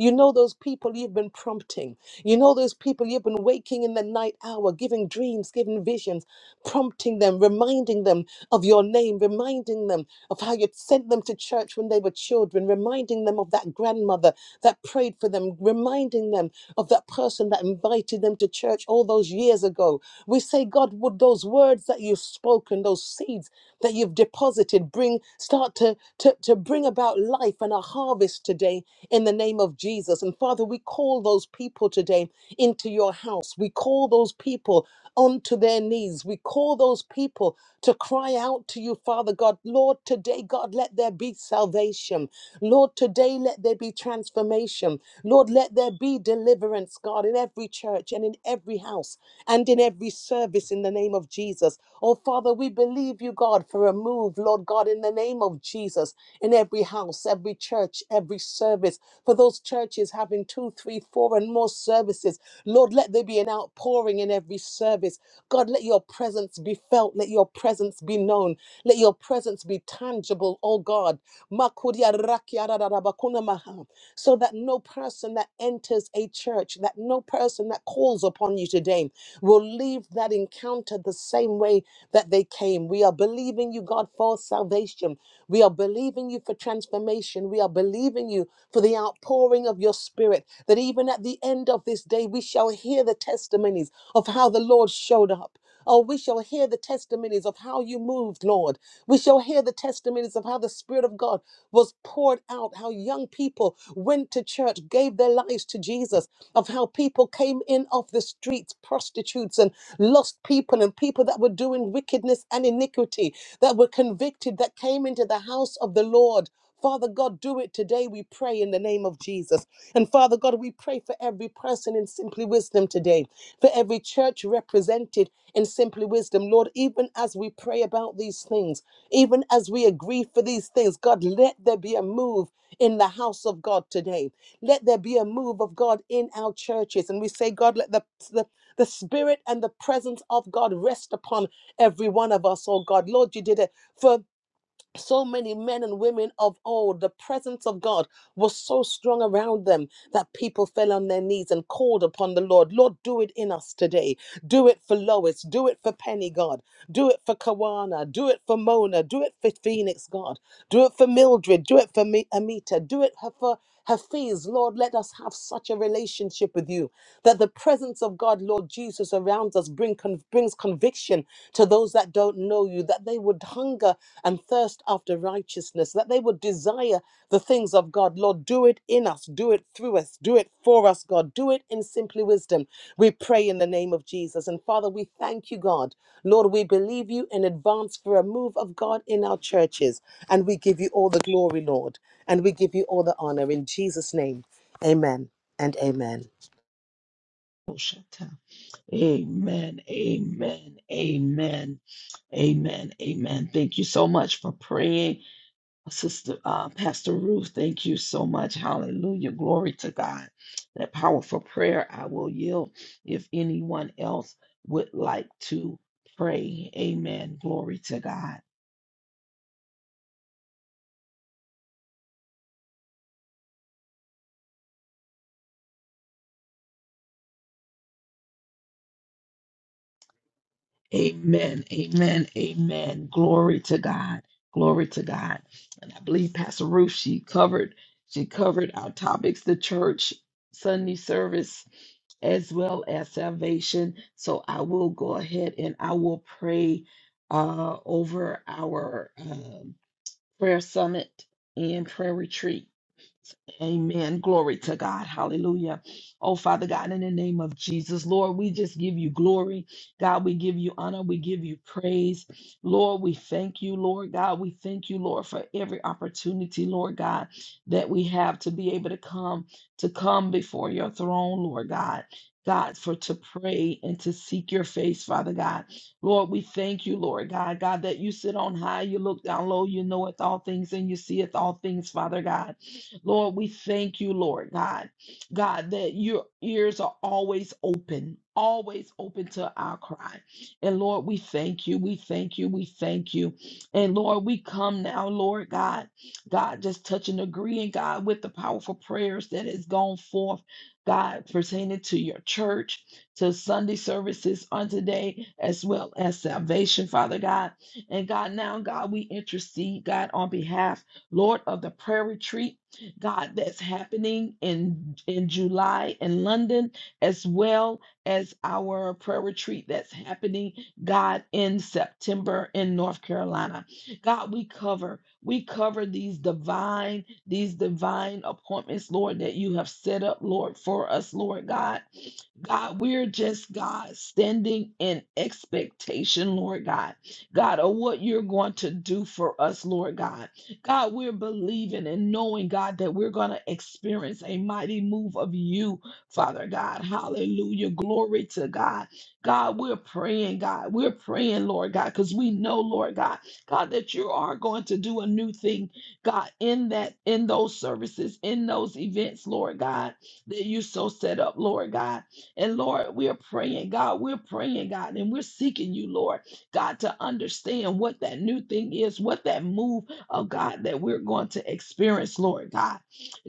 Speaker 4: You know those people you've been prompting. You know those people you've been waking in the night hour, giving dreams, giving visions, prompting them, reminding them of your name, reminding them of how you sent them to church when they were children, reminding them of that grandmother that prayed for them, reminding them of that person that invited them to church all those years ago. We say, God, would those words that you've spoken, those seeds that you've deposited, bring start to to, to, to bring about life and a harvest today in the name of Jesus. And Father, we call those people today into your house. We call those people onto their knees. We call those people to cry out to you, Father God. Lord, today, God, let there be salvation. Lord, today, let there be transformation. Lord, let there be deliverance, God, in every church and in every house and in every service in the name of Jesus. Jesus. Oh, Father, we believe you, God, for a move, Lord God, in the name of Jesus, in every house, every church, every service, for those churches having two, three, four, and more services. Lord, let there be an outpouring in every service. God, let your presence be felt. Let your presence be known. Let your presence be tangible, oh God. Makudia rakia rararabakuna maha. So that no person that enters a church, that no person person that calls upon you today will leave that encounter the same way that they came. We are believing you, God, for salvation. We are believing you for transformation. We are believing you for the outpouring of your spirit, that even at the end of this day, we shall hear the testimonies of how the Lord showed up. Oh, we shall hear the testimonies of how you moved, Lord. We shall hear the testimonies of how the Spirit of God was poured out, how young people went to church, gave their lives to Jesus, of how people came in off the streets, prostitutes and lost people, and people that were doing wickedness and iniquity, that were convicted, that came into the house of the Lord. Father God, do it today, we pray in the name of Jesus. And Father God, we pray for every person in Simply Wisdom today, for every church represented in Simply Wisdom. Lord, even as we pray about these things, even as we agree for these things, God, let there be a move in the house of God today. Let there be a move of God in our churches. And we say, God, let the, the the spirit and the presence of God rest upon every one of us, oh God. Lord, you did it for so many men and women of old, the presence of God was so strong around them that people fell on their knees and called upon the Lord. Lord, do it in us today. Do it for Lois. Do it for Penny, God. Do it for Kawana. Do it for Mona. Do it for Phoenix, God. Do it for Mildred. Do it for Mi- Amita. Do it her- for Hafiz. Lord, let us have such a relationship with you that the presence of God, Lord Jesus, around us bring con- brings conviction to those that don't don't know you, that they would hunger and thirst after righteousness, that they would desire the things of God. Lord, do it in us, do it through us, do it for us, God. Do it in simply wisdom. We pray in the name of Jesus. And Father, we thank you, God. Lord, we believe you in advance for a move of God in our churches. And we give you all the glory, Lord. And we give you all the honor in Jesus' name. Amen and amen.
Speaker 1: Oh, shut up. Amen. Amen. Amen. Amen. Amen. Thank you so much for praying, Sister uh, Pastor Ruth. Thank you so much. Hallelujah. Glory to God. That powerful prayer. I will yield if anyone else would like to pray. Amen. Glory to God. Amen. Amen. Amen. Glory to God. Glory to God. And I believe Pastor Ruth, she covered, she covered our topics, the church, Sunday service, as well as salvation. So I will go ahead and I will pray uh, over our um, prayer summit and prayer retreat. Amen. Glory to God. Hallelujah. Oh, Father God, in the name of Jesus, Lord, we just give you glory. God, we give you honor. We give you praise. Lord, we thank you, Lord God. We thank you, Lord, for every opportunity, Lord God, that we have to be able to come, to come before your throne, Lord God. God, for to pray and to seek your face, Father God. Lord, we thank you, Lord God. God, that you sit on high, you look down low, you knoweth all things and you seeth all things, Father God. Lord, we thank you, Lord God, God, that your ears are always open, always open to our cry. And Lord, we thank you, we thank you, we thank you. And Lord, we come now, Lord God, God, just touch and agreeing, God, with the powerful prayers that has gone forth, God, pertaining to your church, to Sunday services on today, as well as salvation, Father God. And God, now, God, we intercede, God, on behalf, Lord, of the prayer retreat God, that's happening in in July in London, as well as our prayer retreat that's happening, God, in September in North Carolina. God, we cover, we cover these divine, these divine appointments, Lord, that you have set up, Lord, for us, Lord God. God, we're just, God, standing in expectation, Lord God. God, of what you're going to do for us, Lord God. God, we're believing and knowing, God, that we're going to experience a mighty move of you, Father God. Hallelujah. Glory to God. God, we're praying, God. We're praying, Lord God, because we know, Lord God, God, that you are going to do a new thing, God, in that, in those services, in those events, Lord God, that you so set up, Lord God. And Lord, we're praying, God, we're praying, God, and we're seeking you, Lord, God, to understand what that new thing is, what that move oh God, that we're going to experience, Lord God.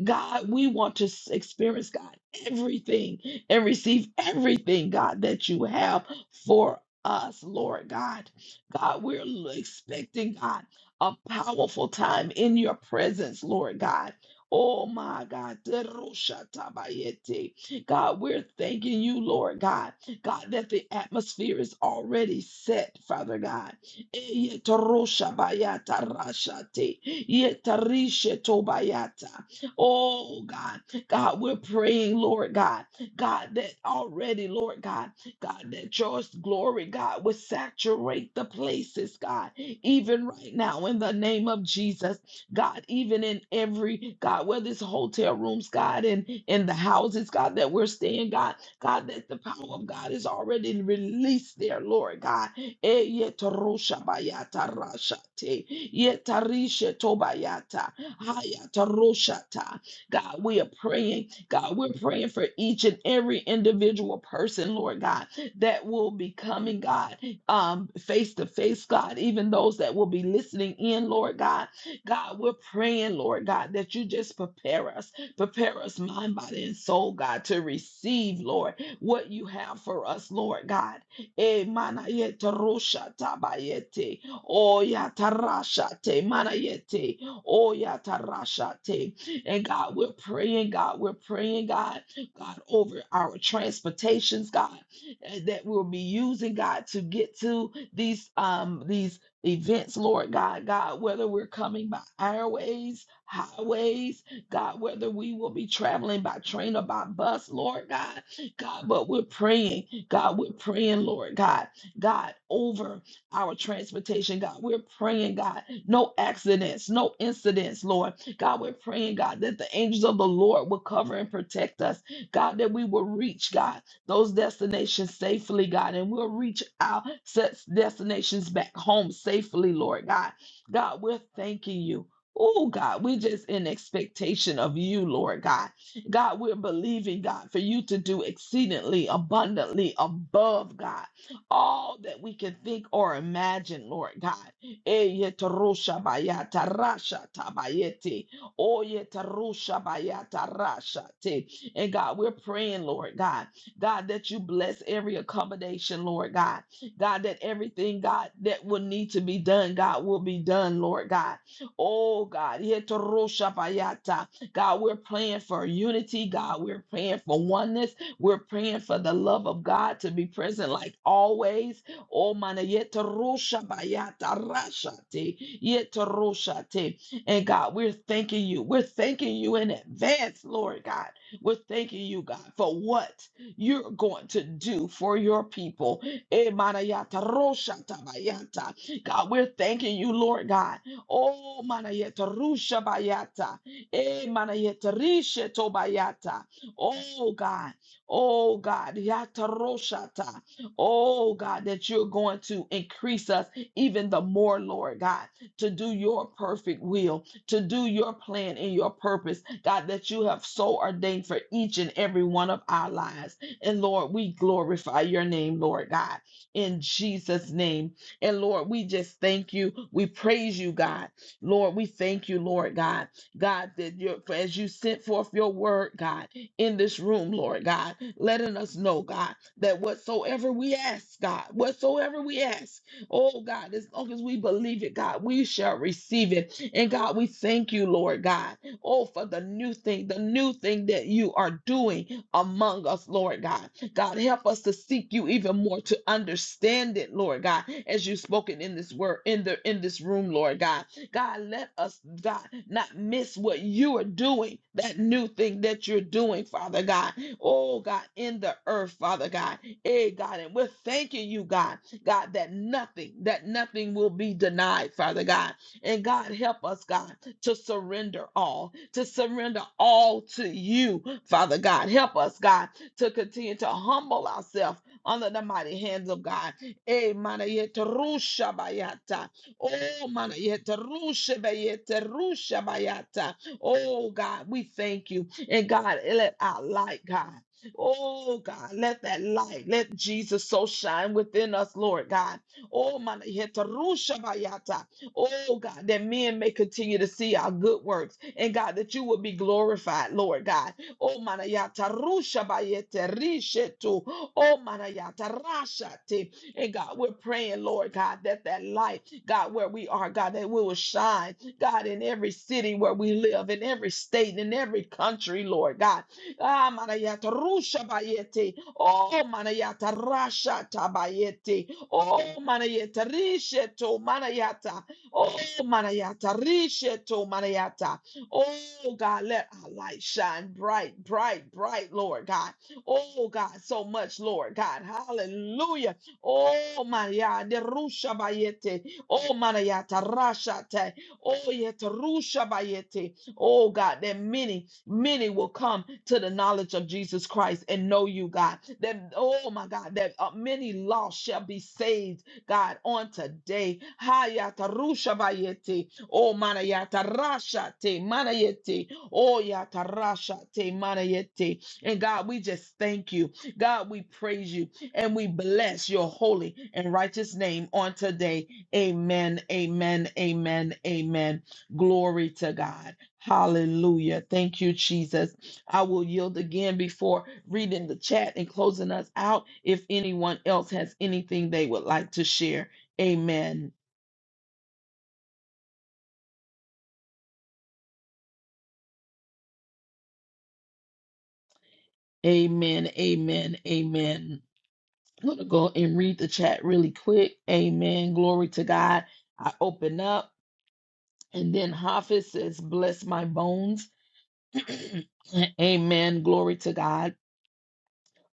Speaker 1: God, we want to s- experience, God, everything and receive everything, God, that you have for us, Lord God. God, we're l- expecting, God, a powerful time in your presence, Lord God. Oh my God. Terushatabayete. God, we're thanking you, Lord God. God, that the atmosphere is already set, Father God. Yetarosha bayata rashate. Yetarisha tobayata. Oh God, God, we're praying, Lord God, God, that already, Lord God, God, that your glory, God, would saturate the places, God, even right now in the name of Jesus. God, even in every, God, whether it's hotel rooms, God, and in the houses, God, that we're staying, God, God, that the power of God is already released there, Lord God. Eh, yetarosha bayata rashate, yetarisha tobayata, hayataroshata. God, we are praying, God, we're praying for each and every individual person, Lord God, that will be coming, God, um, face to face, God, even those that will be listening in, Lord God. God, we're praying, Lord God, that you just prepare us, prepare us mind, body, and soul, God, to receive, Lord, what you have for us, Lord God. Eh, mana yete rosha tabayete. Oh, ya tarasha te, mana yete. Oh, ya tarasha te. And God, we're praying, God, we're praying, God, God, over our transportations, God, eh, that we'll be using, God, to get to these um these events, Lord God, God, whether we're coming by airways, highways, God, whether we will be traveling by train or by bus, Lord God, God, but we're praying, God, we're praying, Lord God, God, over our transportation, God, we're praying, God, no accidents, no incidents, Lord, God, we're praying, God, that the angels of the Lord will cover and protect us, God, that we will reach, God those destinations safely, God, and we'll reach our set destinations back home safely, Lord God. God, we're thanking you. Oh God, we're just in expectation of you, Lord God. God, we're believing, God, for you to do exceedingly abundantly above, God, all that we can think or imagine, Lord God. Eyetarusha bayata rasha tabayeti. Oyetarusha bayata rasha te. And God, we're praying, Lord God. God, that you bless every accommodation, Lord God. God, that everything, God, that will need to be done, God, will be done, Lord God. Oh, God. Yetoroshabayata. God, we're praying for unity. God, we're praying for oneness. We're praying for the love of God to be present like always. Oh, mana yetoroshabayata rashate, yetoroshate. And God, we're thanking you. We're thanking you in advance, Lord God. We're thanking you, God, for what? you're going to do for your people. Eh, manayata, rosha tabayata. God, we're thanking you, Lord God. Oh, manayata, rusha bayata. Eh, manayata, rishe tobayata. Oh, God. Oh, God. Yata roshata. Oh, God, that you're going to increase us even the more, Lord God, to do your perfect will, to do your plan and your purpose, God, that you have so ordained for each and every one of our lives. And Lord, we glorify your name, Lord God, in Jesus' name. And Lord, we just thank you. We praise you, God. Lord, we thank you, Lord God. God, that you for as you sent forth your word, God, in this room, Lord God, letting us know, God, that whatsoever we ask, God, whatsoever we ask, oh God, as long as we believe it, God, we shall receive it. And God, we thank you, Lord God, oh, for the new thing, the new thing that you are doing among us, Lord God. God, help us to seek you even more to understand it, Lord God, as you've spoken in this word, in the in this room, Lord God. God, let us, God, not miss what you are doing, that new thing that you're doing, Father God. Oh, God, in the earth, Father God. Hey, God, and we're thanking you, God, God, that nothing, that nothing will be denied, Father God. And God, help us, God, to surrender all, to surrender all to you, Father God. Help us, God, to continue to humble ourselves under the mighty hands of God. Eh, mana yete rusha bayata. Oh, mana yete rusha bayete rusha bayata. Oh, God, we thank you. And God, let our light, God, Oh God, let that light, let Jesus so shine within us, Lord God. Oh man, Oh God, that men may continue to see our good works. And God, that you will be glorified, Lord God. Oh manayata rusha bayete rishetu. Oh manayata rashate. And God, we're praying, Lord God, that that light, God, where we are, God, that we will shine, God, in every city where we live, in every state, in every country, Lord God. Ah, manayata rusha bayete. Oh, manayata rasha tabayete. Oh, manayata rishetu manayata. Oh, Manayata, Risheto Manayata. Oh, God, let our light shine bright, bright, bright, Lord God. Oh, God, so much, Lord God. Hallelujah. Oh, Manayata, Rusha Bayete. Oh, Manayata, Rashate. Oh, Yeta, Rusha Bayete. Oh, God, that many, many will come to the knowledge of Jesus Christ and know you, God. That, oh, my God, that uh, many lost shall be saved God, on today. Hayata rusha bayete. Oh, mana yata rasha te mana Oh, yata rasha te mana And God, we just thank you. God, we praise you and we bless your holy and righteous name on today. Amen, amen, amen, amen. Glory to God. Hallelujah. Thank you, Jesus. I will yield again before reading the chat and closing us out. If anyone else has anything they would like to share, amen. Amen. Amen. Amen. I'm going to go and read the chat really quick. Amen. Glory to God. I open up and then Hafiz says, Bless my bones. amen. Glory to God.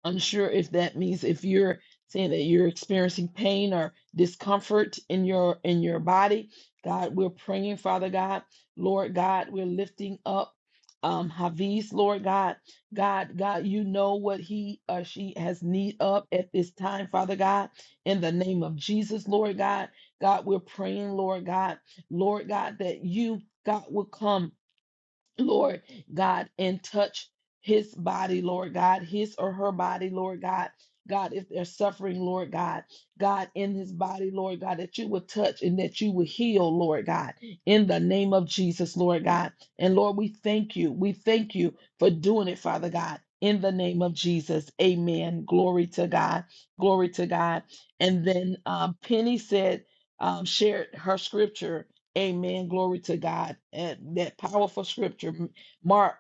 Speaker 1: unsure if that means if you're saying that you're experiencing pain or discomfort in your in your body god we're praying father god lord god we're lifting up um haviz lord god god god you know what he or she has need of at this time father god in the name of jesus lord god god we're praying lord god lord god that you god will come Lord God, and touch his body, Lord God, his or her body, Lord God. God, if they're suffering, Lord God, God, in his body, Lord God, that you would touch and that you would heal, Lord God, in the name of Jesus, Lord God. And Lord, we thank you. We thank you for doing it, Father God, in the name of Jesus. Amen. Glory to God. Glory to God. And then um, Penny said, um, shared her scripture Amen. Glory to God. And that powerful scripture, Mark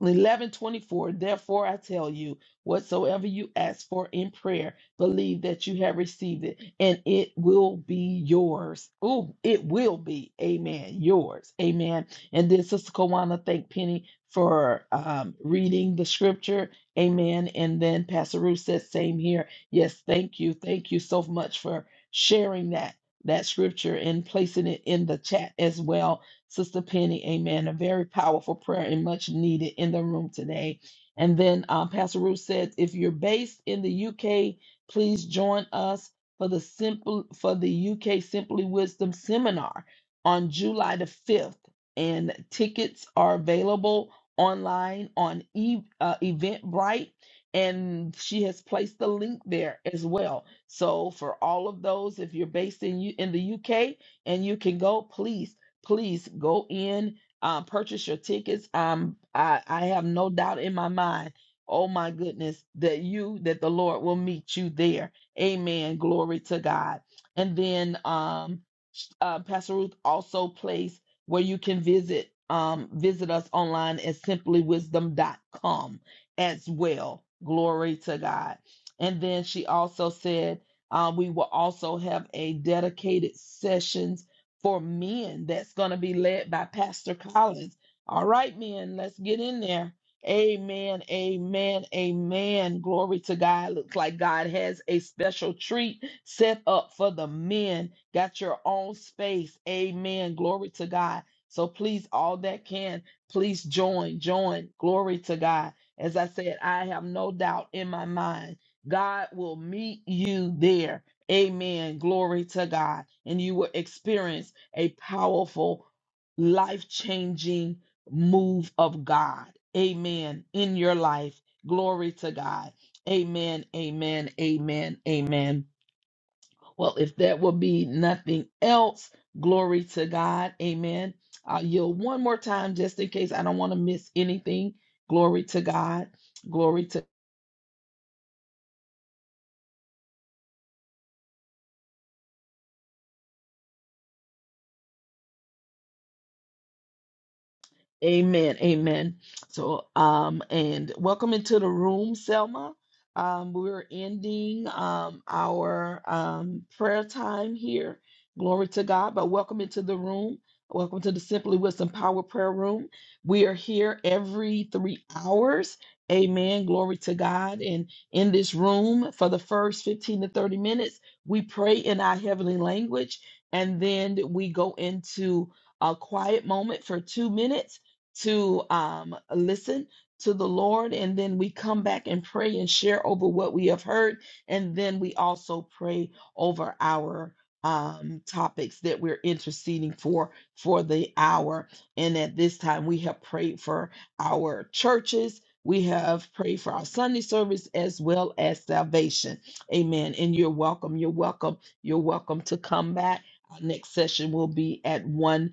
Speaker 1: eleven twenty four. Therefore, I tell you, whatsoever you ask for in prayer, believe that you have received it, and it will be yours. Oh, it will be. Amen. Yours. Amen. And then, Sister Kawana, thank Penny for um, reading the scripture. Amen. And then Pastor Ruth says, same here. Yes, thank you. Thank you so much for sharing that that scripture and placing it in the chat as well. Sister Penny, amen. A very powerful prayer and much needed in the room today. And then um, Pastor Ruth said, if you're based in the UK, please join us for the simple for the UK Simply Wisdom seminar on July the 5th. And tickets are available online on e- uh, Eventbrite and she has placed the link there as well. So for all of those, if you're based in U- in the UK and you can go, please, please go in, um, purchase your tickets. Um, I, I have no doubt in my mind. Oh my goodness, that you that the Lord will meet you there. Amen. Glory to God. And then um, uh, Pastor Ruth also placed where you can visit um, visit us online at simply wisdom dot com as well. Glory to God. And then she also said, um, we will also have a dedicated sessions for men that's going to be led by Pastor Collins. All right, men, let's get in there. Amen, amen, amen. Glory to God. Looks like God has a special treat set up for the men. Got your own space. Amen. Glory to God. So please, all that can, please join, join. Glory to God as I said, I have no doubt in my mind, God will meet you there. Amen. Glory to God. And you will experience a powerful, life changing move of God. Amen. In your life. Glory to God. Amen. Amen. Amen. Amen. Well, if there will be nothing else, glory to God. Amen. I'll yield one more time just in case I don't want to miss anything. Glory to God. Glory to Amen. Amen. So, um, and welcome into the room, Selma. Um, we're ending um our um prayer time here. Glory to God. But welcome into the room. Welcome to the Simply Wisdom Power Prayer Room. We are here every three hours. Amen. Glory to God. And in this room, for the first 15 to 30 minutes, we pray in our heavenly language, and then we go into a quiet moment for two minutes to um, listen to the Lord, and then we come back and pray and share over what we have heard, and then we also pray over our um, topics that we're interceding for for the hour. And at this time, we have prayed for our churches. We have prayed for our Sunday service as well as salvation. Amen. And you're welcome. You're welcome. You're welcome to come back. Our next session will be at 1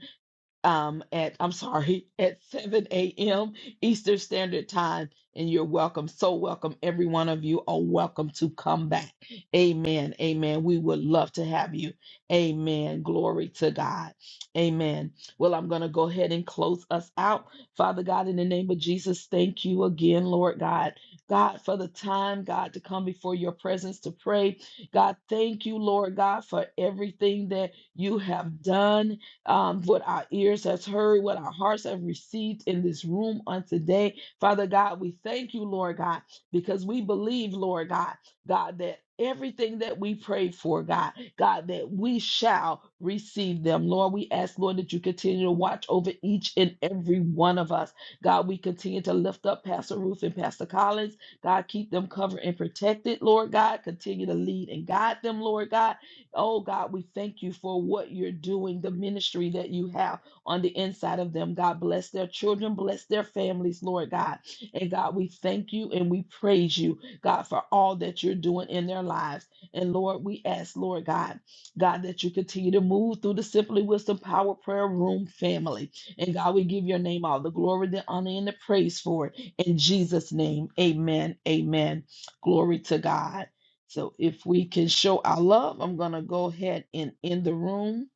Speaker 1: um, at I'm sorry, at 7 a.m. Eastern Standard Time. And you're welcome, so welcome. Every one of you are welcome to come back. Amen. Amen. We would love to have you. Amen. Glory to God. Amen. Well, I'm going to go ahead and close us out. Father God, in the name of Jesus, thank you again, Lord God. God, for the time, God, to come before your presence to pray. God, thank you, Lord God, for everything that you have done um, what our ears has heard, what our hearts have received in this room on today. Father God, we thank you, Lord God, because we believe, Lord God, God, that everything that we prayed for, God, God, that we shall receive them. Lord, we ask, Lord, that you continue to watch over each and every one of us. God, we continue to lift up Pastor Ruth and Pastor Collins. God, keep them covered and protected, Lord God. Continue to lead and guide them, Lord God. Oh God, we thank you for what you're doing, the ministry that you have on the inside of them. God, bless their children, bless their families, Lord God. And God, we thank you and we praise you, God, for all that you're doing in their lives. And Lord, we ask, Lord God, God, that you continue to move through the Simply Wisdom Power Prayer Room family. And God, we give your name all the glory, the honor, and the praise for it. In Jesus' name, amen. Amen. Glory to God. So if we can show our love, I'm going to go ahead and end the room.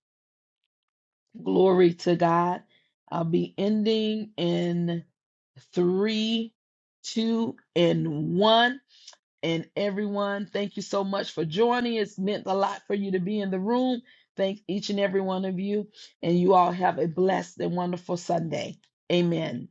Speaker 1: Glory to God. I'll be ending in three, two, and one. And everyone, thank you so much for joining. It's meant a lot for you to be in the room. Thank each and every one of you. And you all have a blessed and wonderful Sunday. Amen.